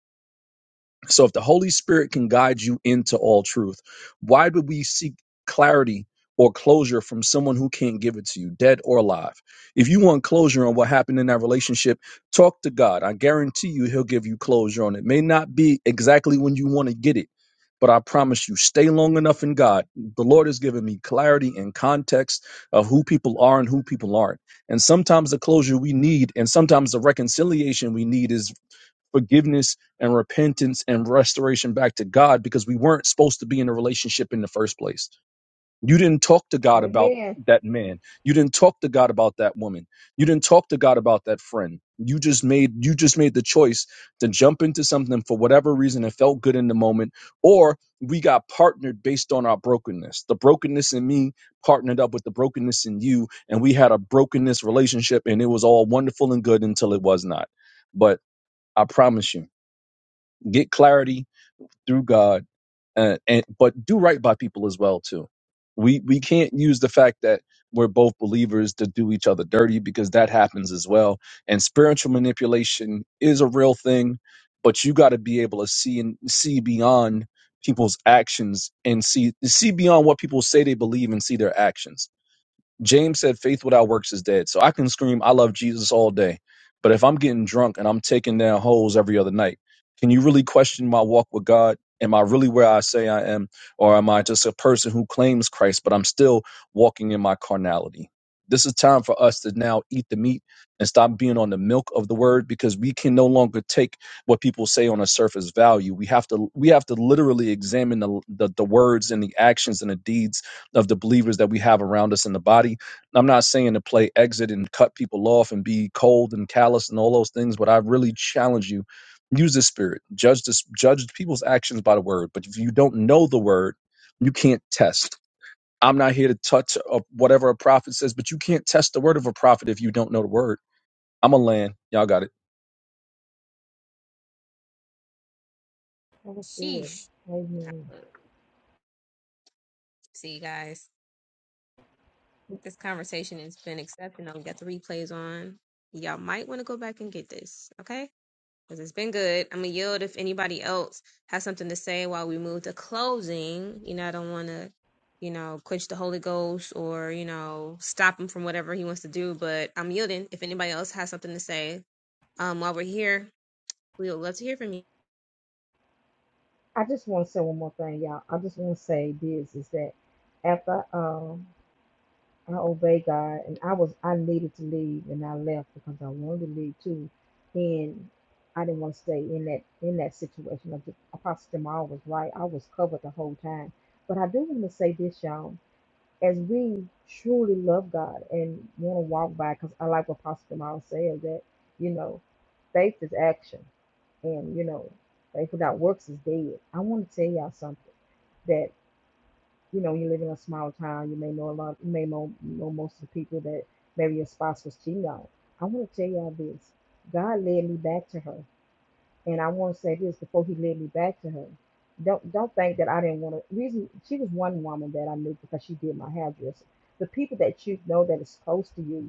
Speaker 19: So if the Holy Spirit can guide you into all truth, why would we seek clarity or closure from someone who can't give it to you, dead or alive? If you want closure on what happened in that relationship, talk to God. I guarantee you he'll give you closure on it. May not be exactly when you want to get it, but I promise you, stay long enough in God. The Lord has given me clarity and context of who people are and who people aren't. And sometimes the closure we need and sometimes the reconciliation we need is forgiveness and repentance and restoration back to God because we weren't supposed to be in a relationship in the first place. You didn't talk to God about
Speaker 6: Amen.
Speaker 19: that man. You didn't talk to God about that woman. You didn't talk to God about that friend. You just made you just made the choice to jump into something for whatever reason it felt good in the moment or we got partnered based on our brokenness. The brokenness in me partnered up with the brokenness in you and we had a brokenness relationship and it was all wonderful and good until it was not. But I promise you get clarity through God, uh, and but do right by people as well too. We we can't use the fact that we're both believers to do each other dirty because that happens as well. And spiritual manipulation is a real thing, but you got to be able to see and see beyond people's actions and see see beyond what people say they believe and see their actions James said, faith without works is dead. So I can scream, I love Jesus all day. But if I'm getting drunk and I'm taking down holes every other night, can you really question my walk with God? Am I really where I say I am? Or am I just a person who claims Christ, but I'm still walking in my carnality? This is time for us to now eat the meat and stop being on the milk of the word because we can no longer take what people say on a surface value. We have to we have to literally examine the the, the words and the actions and the deeds of the believers that we have around us in the body. I'm not saying to play exit and cut people off and be cold and callous and all those things, but I really challenge you use the spirit. Judge this judge people's actions by the word, but if you don't know the word, you can't test. I'm not here to touch uh, whatever a prophet says, but you can't test the word of a prophet if you don't know the word. I'm a land. Y'all got it.
Speaker 6: That was good.
Speaker 1: Sheesh.
Speaker 6: Amen.
Speaker 1: See you guys. This conversation has been exceptional. We got the replays on. Y'all might want to go back and get this, okay? because it's been good. I'm gonna yield if anybody else has something to say while we move to closing. You know, I don't want to, you know, quench the Holy Ghost or you know stop him from whatever he wants to do. But I'm yielding if anybody else has something to say. Um, while we're here, we would love to hear from you.
Speaker 6: I just want to say one more thing, y'all. I just want to say this is that after um I obey God and I was I needed to leave and I left because I wanted to leave too, and I didn't want to stay in that in that situation. I just, Apostle Jamal was right. I was covered the whole time, but I do want to say this, y'all. as we truly love God and want to walk by, because I like what Pastor Miles said that, you know, faith is action. And, you know, faith without works is dead. I want to tell y'all something that, you know, you live in a small town, you may know a lot, you may know, know most of the people that maybe your spouse was cheating on. I want to tell y'all this God led me back to her and I want to say this before he led me back to her. Don't don't think that I didn't want to. Reason she was one woman that I knew because she did my hairdresser. The people that you know that is close to you,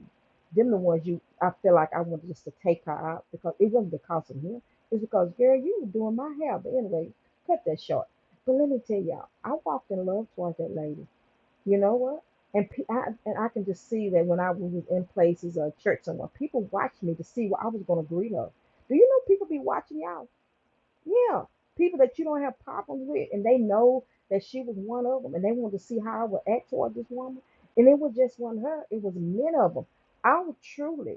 Speaker 6: them the ones you. I feel like I wanted just to take her out because it wasn't because of him. It's because girl, you were doing my hair. But anyway, cut that short. But let me tell y'all, I walked in love towards that lady. You know what? And pe- I, and I can just see that when I was in places or church somewhere, people watched me to see what I was going to greet her. Do you know people be watching y'all? Yeah, people that you don't have problems with, and they know that she was one of them, and they wanted to see how I would act toward this woman. And it was just one her; it was many of them. I was truly,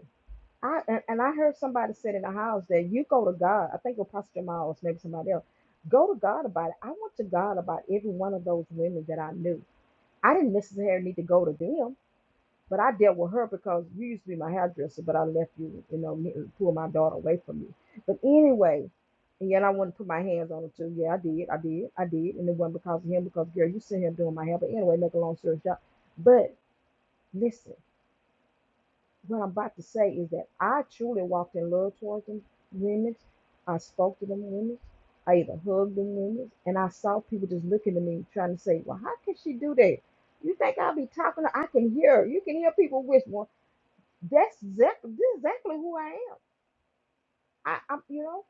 Speaker 6: I and, and I heard somebody said in the house that you go to God. I think it was Pastor Miles, maybe somebody else. Go to God about it. I went to God about every one of those women that I knew. I didn't necessarily need to go to them but I dealt with her because you used to be my hairdresser, but I left you, you know, me, pull my daughter away from you. But anyway, and yet I want to put my hands on her too. Yeah, I did, I did, I did. And it wasn't because of him, because girl, you see him doing my hair. But anyway, make a long story short. But listen, what I'm about to say is that I truly walked in love towards them women. I spoke to them women. I even hugged them women. And I saw people just looking at me trying to say, Well, how can she do that? You think I'll be talking? to- her? I can hear. her. You can hear people whispering that's exact, this exactly who I am. I, I'm, you know,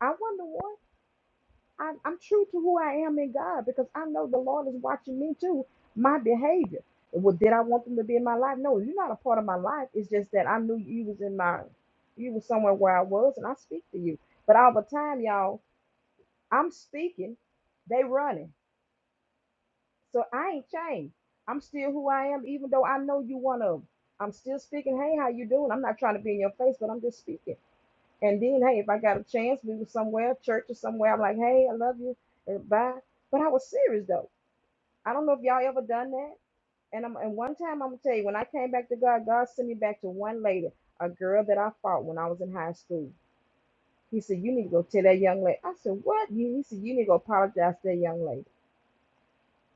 Speaker 6: I wonder what I'm, I'm true to who I am in God because I know the Lord is watching me too, my behavior. Well, did I want them to be in my life? No, you're not a part of my life. It's just that I knew you was in my, you was somewhere where I was, and I speak to you. But all the time, y'all, I'm speaking, they running, so I ain't changed. I'm still who I am, even though I know you one of 'em. I'm still speaking. Hey, how you doing? I'm not trying to be in your face, but I'm just speaking. And then, hey, if I got a chance, we were somewhere, church or somewhere, I'm like, hey, I love you, and bye. But I was serious though. I don't know if y'all ever done that. And I'm and one time I'm gonna tell you, when I came back to God, God sent me back to one lady, a girl that I fought when I was in high school. He said, You need to go tell that young lady. I said, What? You he said, You need to go apologize to that young lady.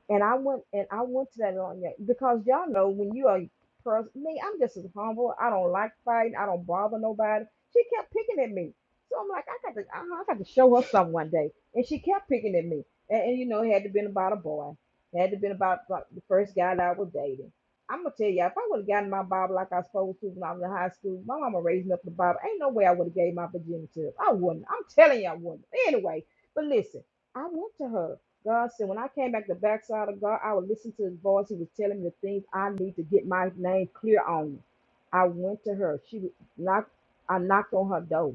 Speaker 6: And I went and I went to that on you because y'all know when you are person me, I'm just as humble. I don't like fighting. I don't bother nobody. She kept picking at me, so I'm like, I got to, I, I got to show her some one day. And she kept picking at me, and, and you know, it had to been about a boy. It had to been about, about the first guy that I was dating. I'm gonna tell you, if I would have gotten my Bible like I was supposed to when I was in high school, my mama raised me up in the Bible. Ain't no way I would have gave my virginity up. I wouldn't. I'm telling you, I wouldn't. Anyway, but listen, I went to her God said, when I came back the backside of God, I would listen to his voice. He was telling me the things I need to get my name clear on. I went to her. She was knocked, I knocked on her door.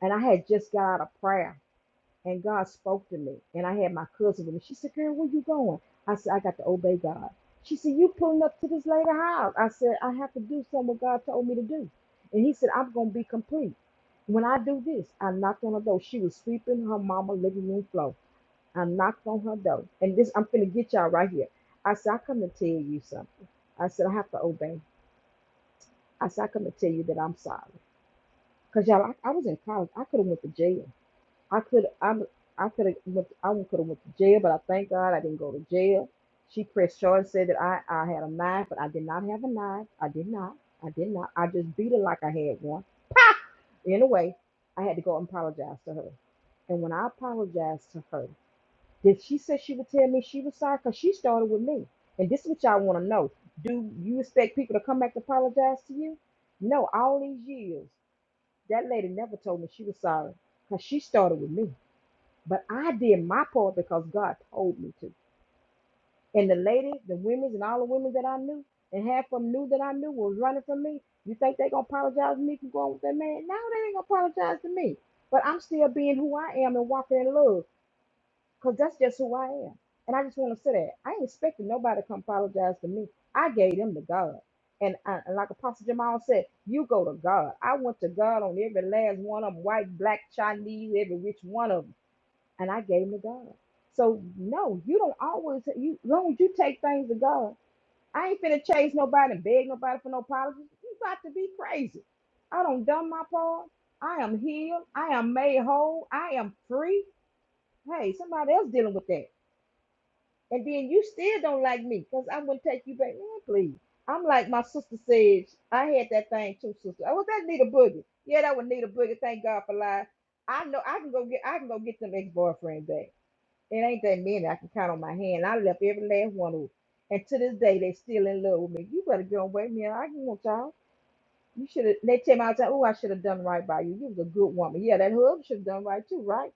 Speaker 6: And I had just got out of prayer. And God spoke to me. And I had my cousin with me. She said, Girl, where you going? I said, I got to obey God. She said, You pulling up to this later house. I said, I have to do something what God told me to do. And he said, I'm gonna be complete. When I do this, I knocked on her door. She was sweeping her mama living room floor. I knocked on her door. And this, I'm finna get y'all right here. I said, I come to tell you something. I said, I have to obey. I said, I come to tell you that I'm sorry. Cause y'all, I, I was in college. I could have went to jail. I could, i I could have went, I could have went to jail, but I thank God I didn't go to jail. She pressed charge, said that I, I had a knife, but I did not have a knife. I did not. I did not. I just beat her like I had one. Anyway, I had to go and apologize to her. And when I apologized to her, Did she say she would tell me she was sorry? Because she started with me. And this is what y'all want to know. Do you expect people to come back to apologize to you? No, all these years, that lady never told me she was sorry because she started with me. But I did my part because God told me to. And the ladies, the women, and all the women that I knew, and half of them knew that I knew was running from me. You think they going to apologize to me for going with that man? No, they ain't going to apologize to me. But I'm still being who I am and walking in love. Cause that's just who I am. And I just want to say that I ain't expecting nobody to come apologize to me. I gave them to God. And, I, and like Apostle Jamal said, you go to God. I went to God on every last one of them, white, black, Chinese, every which one of them. And I gave them to God. So no, you don't always you long as you take things to God. I ain't finna chase nobody and beg nobody for no apologies. You got to be crazy. I don't done my part. I am healed. I am made whole. I am free. Hey, somebody else dealing with that. And then you still don't like me because I'm going to take you back. Man, please. I'm like my sister said, I had that thing too, sister. Oh, was that need boogie? Yeah, that was need a boogie. Thank God for life. I know I can go get I can go get them ex-boyfriend back. It ain't that many I can count on my hand. I left every last one of them. And to this day, they still in love with me. You better go away, man. I can want y'all. You should have. They came out and said, "Oh, I should have done right by you. You was a good woman. Yeah, that hub should have done right too, right?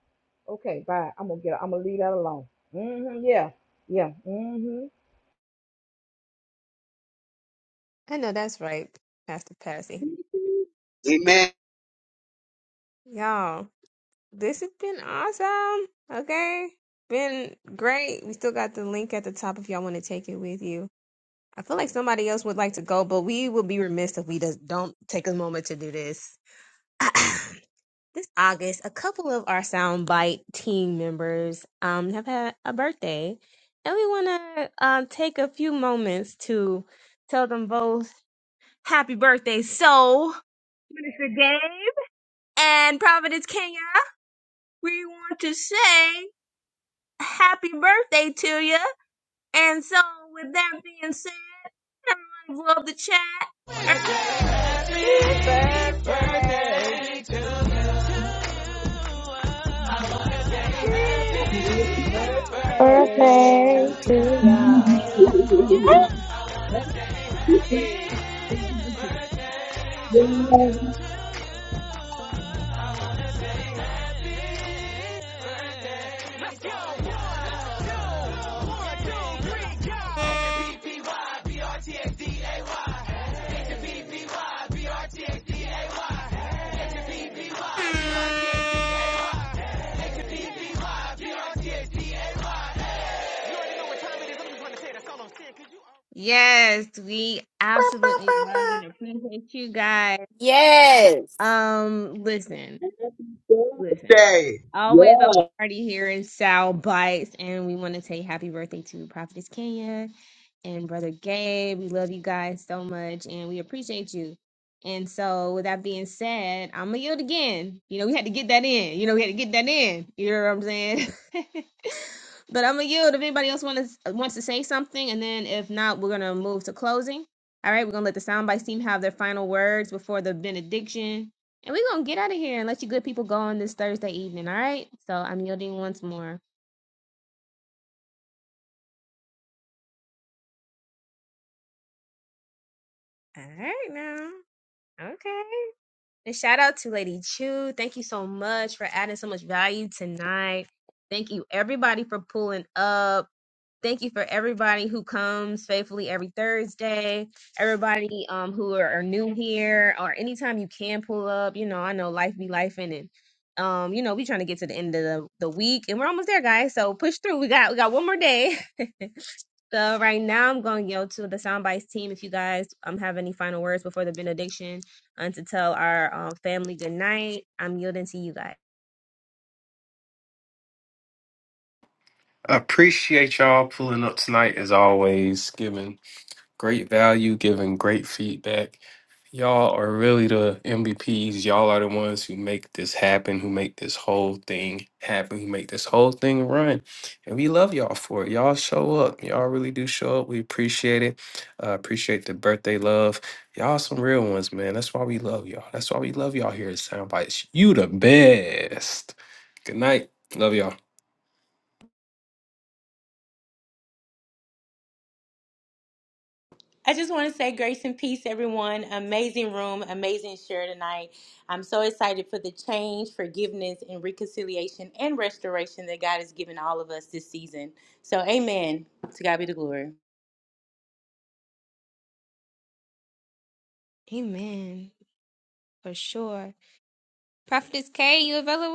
Speaker 6: Okay, bye. I'm gonna get. I'm gonna leave that alone. Mm-hmm. Yeah, yeah. Mm-hmm.
Speaker 1: I know that's right, Pastor Patsy.
Speaker 11: Amen.
Speaker 1: Y'all, this has been awesome. Okay, been great. We still got the link at the top if y'all want to take it with you. I feel like somebody else would like to go, but we would be remiss if we does, don't take a moment to do this. [CLEARS THROAT] this August, a couple of our Soundbite team members um, have had a birthday, and we want to um, take a few moments to tell them both happy birthday. So, Minister Gabe and Providence Kenya, we want to say happy birthday to you. And so, with that being said, everybody blow the chat.
Speaker 6: Happy birthday. Happy
Speaker 11: Happy
Speaker 6: birthday
Speaker 17: Perfect.
Speaker 6: to y'all.
Speaker 18: Hallelujah. Hey.
Speaker 1: Yes, we absolutely
Speaker 9: you. [LAUGHS]
Speaker 1: love and appreciate you guys.
Speaker 15: Yes.
Speaker 1: Um, listen, listen.
Speaker 11: Birthday. Yes.
Speaker 1: Always a party here in Sal Bites, and we want to say happy birthday to Prophetess Kenya and Brother Gabe. We love you guys so much, and we appreciate you. And so, with that being said, I'm gonna yield again. You know, we had to get that in. You know, we had to get that in. You know what I'm saying? [LAUGHS] But I'm gonna yield if anybody else wants wants to say something, and then if not, we're gonna move to closing. All right, we're gonna let the soundbites team have their final words before the benediction, and we're gonna get out of here and let you good people go on this Thursday evening. All right, so I'm yielding once more. All right, now, okay. And shout out to Lady Chu. Thank you so much for adding so much value tonight. Thank you everybody for pulling up. Thank you for everybody who comes faithfully every Thursday, everybody um who are, are new here, or anytime you can pull up. You know, I know life be life and it. Um, you know, we trying to get to the end of the, the week and we're almost there, guys. So push through. We got we got one more day. [LAUGHS] so right now I'm going to yell to the soundbites team. If you guys um have any final words before the benediction and to tell our um, family good night, I'm yielding to you guys.
Speaker 12: I appreciate y'all pulling up tonight as always, giving Great value, giving great feedback. Y'all are really the MVPs. Y'all are the ones who make this happen, who make this whole thing happen, who make this whole thing run. And we love y'all for it. Y'all show up. Y'all really do show up. We appreciate it. Uh, appreciate the birthday love. Y'all some real ones, man. That's why we love y'all. That's why we love y'all here at Soundbites. You the best. Good night. Love y'all.
Speaker 9: I just want to say grace and peace, everyone. Amazing room, amazing share tonight. I'm so excited for the change, forgiveness, and reconciliation and restoration that God has given all of us this season. So, amen. To God be the glory.
Speaker 1: Amen. For sure. Prophetess K, you available?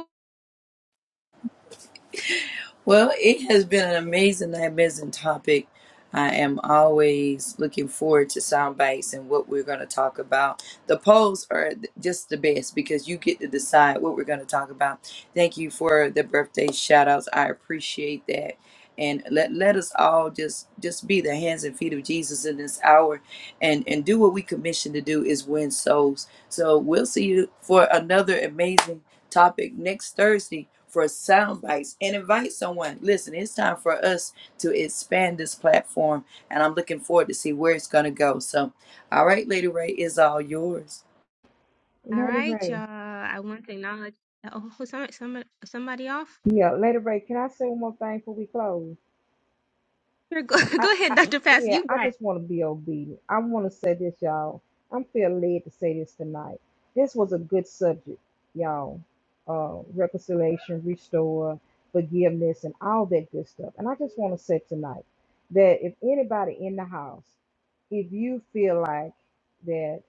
Speaker 4: Well, it has been an amazing, amazing topic. I am always looking forward to sound bites and what we're going to talk about. The polls are th- just the best because you get to decide what we're going to talk about. Thank you for the birthday shout outs. I appreciate that. And let, let us all just just be the hands and feet of Jesus in this hour and, and do what we commissioned to do is win souls. So we'll see you for another amazing topic next Thursday for sound bites and invite someone. Listen, it's time for us to expand this platform, and I'm looking forward to see where it's gonna go. So, all right, Lady Ray is all yours.
Speaker 1: All
Speaker 6: Later,
Speaker 1: right, y'all.
Speaker 6: Ray.
Speaker 1: I want to acknowledge. Oh, who- some, some, somebody off?
Speaker 6: Yeah, later, Ray. Can I say one more thing before we close?
Speaker 1: Here, go, [LAUGHS]
Speaker 6: I,
Speaker 1: go ahead,
Speaker 6: I
Speaker 1: Dr. Pass.
Speaker 6: yeah,
Speaker 1: You
Speaker 6: I
Speaker 1: got it.
Speaker 6: just want to be obedient. I want to say this, y'all. I'm feeling led to say this tonight. This was a good subject, y'all. Uh, reconciliation, restore, forgiveness, and all that good stuff. And I just want to say tonight that if anybody in the house, if you feel like that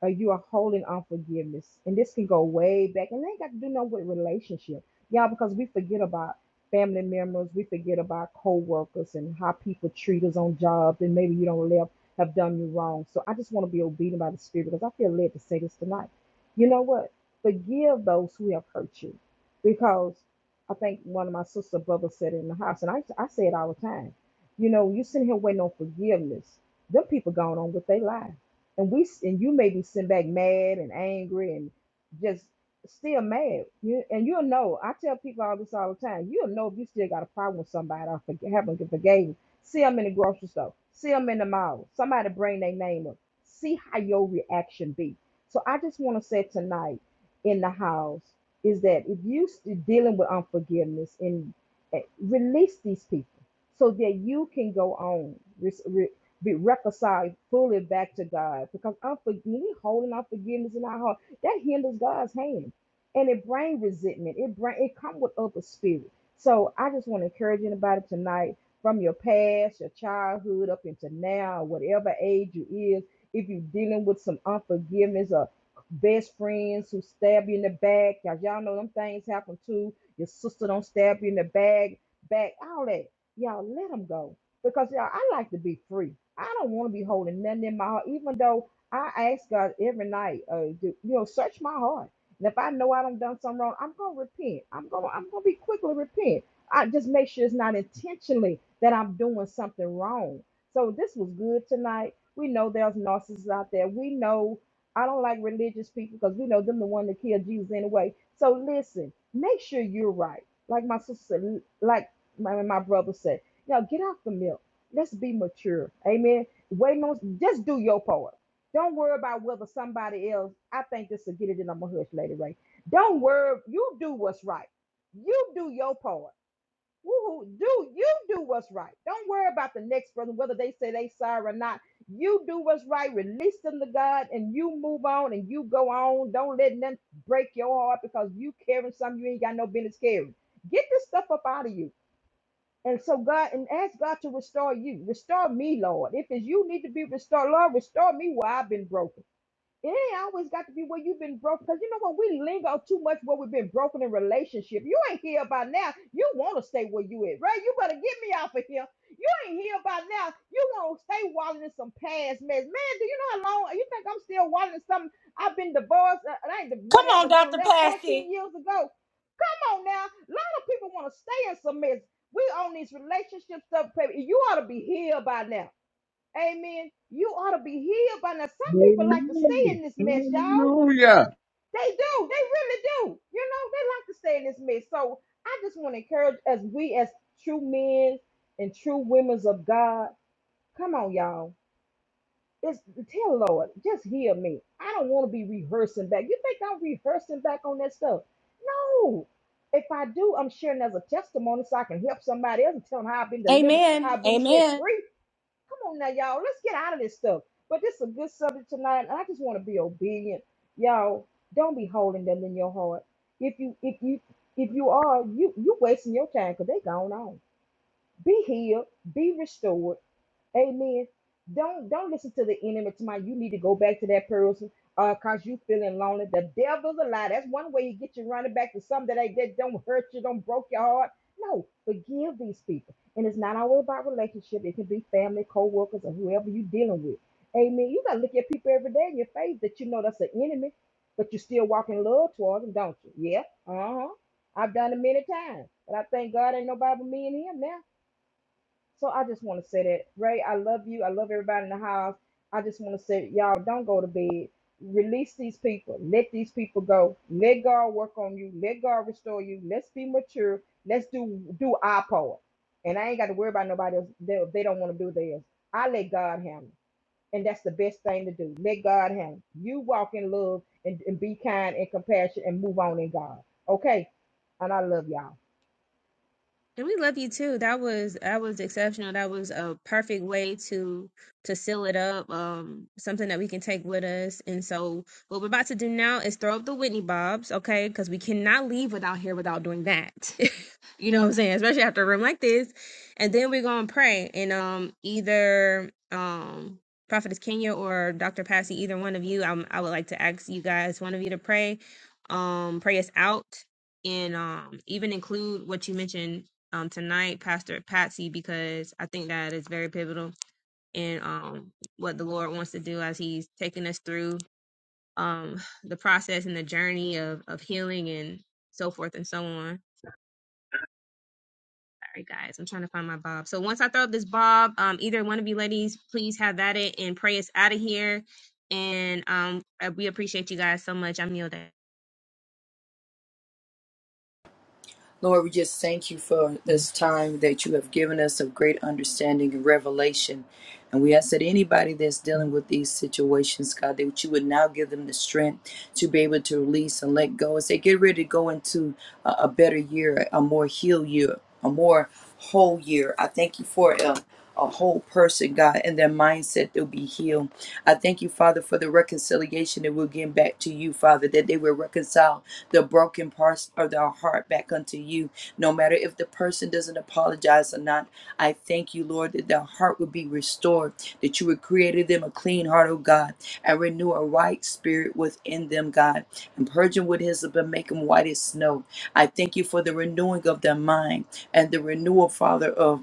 Speaker 6: or you are holding on forgiveness. And this can go way back. And they ain't got to do no with relationship. Y'all, because we forget about family members, we forget about co-workers and how people treat us on jobs, and maybe you don't live have done you wrong. So I just want to be obedient by the spirit because I feel led to say this tonight. You know what? Forgive those who have hurt you. Because I think one of my sister brothers said it in the house, and I, I say it all the time. You know, you sitting here waiting on forgiveness. Them people going on with their life and we and you may be sitting back mad and angry and just still mad. You and you'll know. I tell people all this all the time. You'll know if you still got a problem with somebody or forg- haven't get forgave. See them in the grocery store. See them in the mall. Somebody bring their name up. See how your reaction be. So I just want to say tonight in the house is that if you st- dealing with unforgiveness and eh, release these people so that you can go on be reconciled fully back to God because unforgiving, holding unforgiveness in our heart, that hinders God's hand and it brings resentment. It bring it come with other spirit. So I just want to encourage anybody tonight from your past, your childhood up into now, whatever age you is, if you're dealing with some unforgiveness or best friends who stab you in the back, y'all, y'all know them things happen too. Your sister don't stab you in the back, back, all that. Y'all let them go because y'all, I like to be free. I don't want to be holding nothing in my heart, even though I ask God every night, uh, to, you know, search my heart. And if I know I done done something wrong, I'm gonna repent. I'm gonna I'm gonna be quickly repent. I just make sure it's not intentionally that I'm doing something wrong. So this was good tonight. We know there's narcissists out there. We know I don't like religious people because we know them the one that killed Jesus anyway. So listen, make sure you're right. Like my sister, said, like my, my brother said. Now get off the milk. Let's be mature. Amen. Waiting on just do your part. Don't worry about whether somebody else. I think this will get it in on my hush later, Ray. Don't worry. You do what's right. You do your part. Woo-hoo. Do you do what's right? Don't worry about the next person, whether they say they sorry or not. You do what's right, release them to God, and you move on and you go on. Don't let them break your heart because you carrying something you ain't got no business carrying. Get this stuff up out of you. And so God and ask God to restore you. Restore me, Lord. If it's you need to be restored, Lord, restore me where I've been broken. It ain't always got to be where you've been broken. Because you know what? We linger too much where we've been broken in relationship. You ain't here by now. You want to stay where you at, right? You better get me off of here. You ain't here by now. You want to stay wallowing in some past mess. Man, do you know how long you think I'm still wallowing in something? I've been divorced. uh, I ain't
Speaker 9: Come on,
Speaker 6: whatever, don't
Speaker 9: Dr.
Speaker 6: left 14
Speaker 9: Passy.
Speaker 6: years ago. Come on now. A lot of people want to stay in some mess. We on these relationship stuff, baby. You ought to be healed by now. Amen. You ought to be healed by now. Some people like to stay
Speaker 11: Amen.
Speaker 6: in this mess, y'all.
Speaker 11: Hallelujah.
Speaker 6: They do. They really do. You know, they like to stay in this mess. So I just want to encourage as we as true men and true women of God. Come on, y'all it's tell Lord, just hear me. I don't want to be rehearsing back. You think I'm rehearsing back on that stuff? No. If I do, I'm sharing as a testimony so I can help somebody else and tell them how I've been delivered, how
Speaker 9: Amen.
Speaker 6: I've been set
Speaker 9: Amen.
Speaker 6: free. Come on now, y'all. Let's get out of this stuff. But this is a good subject tonight, and I just want to be obedient. Y'all, don't be holding them in your heart. If you if you if you are, you you wasting your time because they gone on. Be healed, be restored Amen. Don't don't listen to the enemy tonight. You need to go back to that person uh cause you feeling lonely. The devil's a lie. That's one way you get you running back to something that ain't that don't hurt you, don't broke your heart. No, forgive these people. And it's not always about relationship. It can be family, co-workers, or whoever you're dealing with. Amen. You gotta look at people every day in your face that you know that's an enemy, but you still walk in love towards them, don't you? Yeah. Uh-huh. I've done it many times. But I thank God ain't nobody but me and him now. So I just want to say that, Ray, I love you. I love everybody in the house. I just want to say, y'all, don't go to bed. Release these people. Let these people go. Let God work on you. Let God restore you. Let's be mature. Let's do do our part. And I ain't got to worry about nobody else. They, if they don't want to do theirs. I let God handle. it. And that's the best thing to do. Let God handle. it. You walk in love and, and be kind and compassionate and move on in God. Okay. And I love y'all.
Speaker 1: And we love you too. That was that was exceptional. That was a perfect way to to seal it up. Um, something that we can take with us. And so, what we're about to do now is throw up the Whitney Bobs, okay? Because we cannot leave without here without doing that. [LAUGHS] you know what I'm saying? Especially after a room like this. And then we're gonna pray. And um, either um, Prophetess Kenya or Dr. Passy, either one of you, I I would like to ask you guys, one of you, to pray, um, pray us out and um even include what you mentioned um, tonight, Pastor Patsy, because I think that is very pivotal in um, what the Lord wants to do as He's taking us through um, the process and the journey of, of healing and so forth and so on. Sorry, guys, I'm trying to find my bob. So once I throw up this bob, um, either one of you ladies, please have that it and pray us out of here. And um, we appreciate you guys so much. I'm yielding.
Speaker 4: Lord, we just thank you for this time that you have given us of great understanding and revelation. And we ask that anybody that's dealing with these situations, God, that you would now give them the strength to be able to release and let go As they get ready to go into a, a better year, a more healed year, a more whole year. I thank you for a, a whole person, God, and their mindset they'll be healed. I thank you, Father, for the reconciliation that we'll get back to you, Father, that they will reconcile the broken parts of their heart back unto you. No matter if the person doesn't apologize or not, I thank you, Lord, that their heart would be restored, that you would create them a clean heart, oh God, and renew a right spirit within them, God. And purge them with his and make them white as snow. I thank you for the renewing of their mind and the renewal, Father, of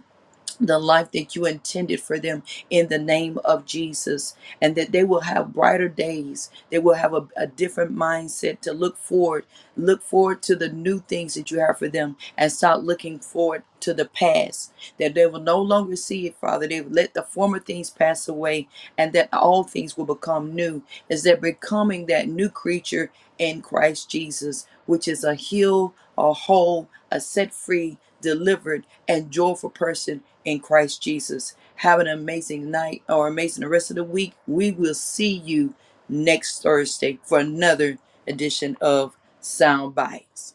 Speaker 4: the life that you intended for them in the name of Jesus, and that they will have brighter days. They will have a, a different mindset to look forward, look forward to the new things that you have for them, and stop looking forward to the past. That they will no longer see it, Father. They will let the former things pass away, and that all things will become new. As they're becoming that new creature in Christ Jesus, which is a healed, a whole, a set free, delivered, and joyful person in Christ Jesus. Have an amazing night or amazing rest of the week. We will see you next Thursday for another edition of Sound Bites.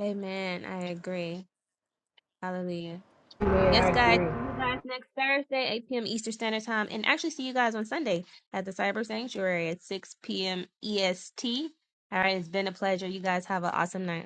Speaker 1: Amen. I agree. Hallelujah.
Speaker 6: Amen.
Speaker 1: Yes,
Speaker 6: I
Speaker 1: guys.
Speaker 6: agree.
Speaker 1: See you guys next Thursday, 8 p.m. Eastern Standard Time. And actually, see you guys on Sunday at the Cyber Sanctuary at 6 p.m. EST. All right. It's been a pleasure. You guys have an awesome night.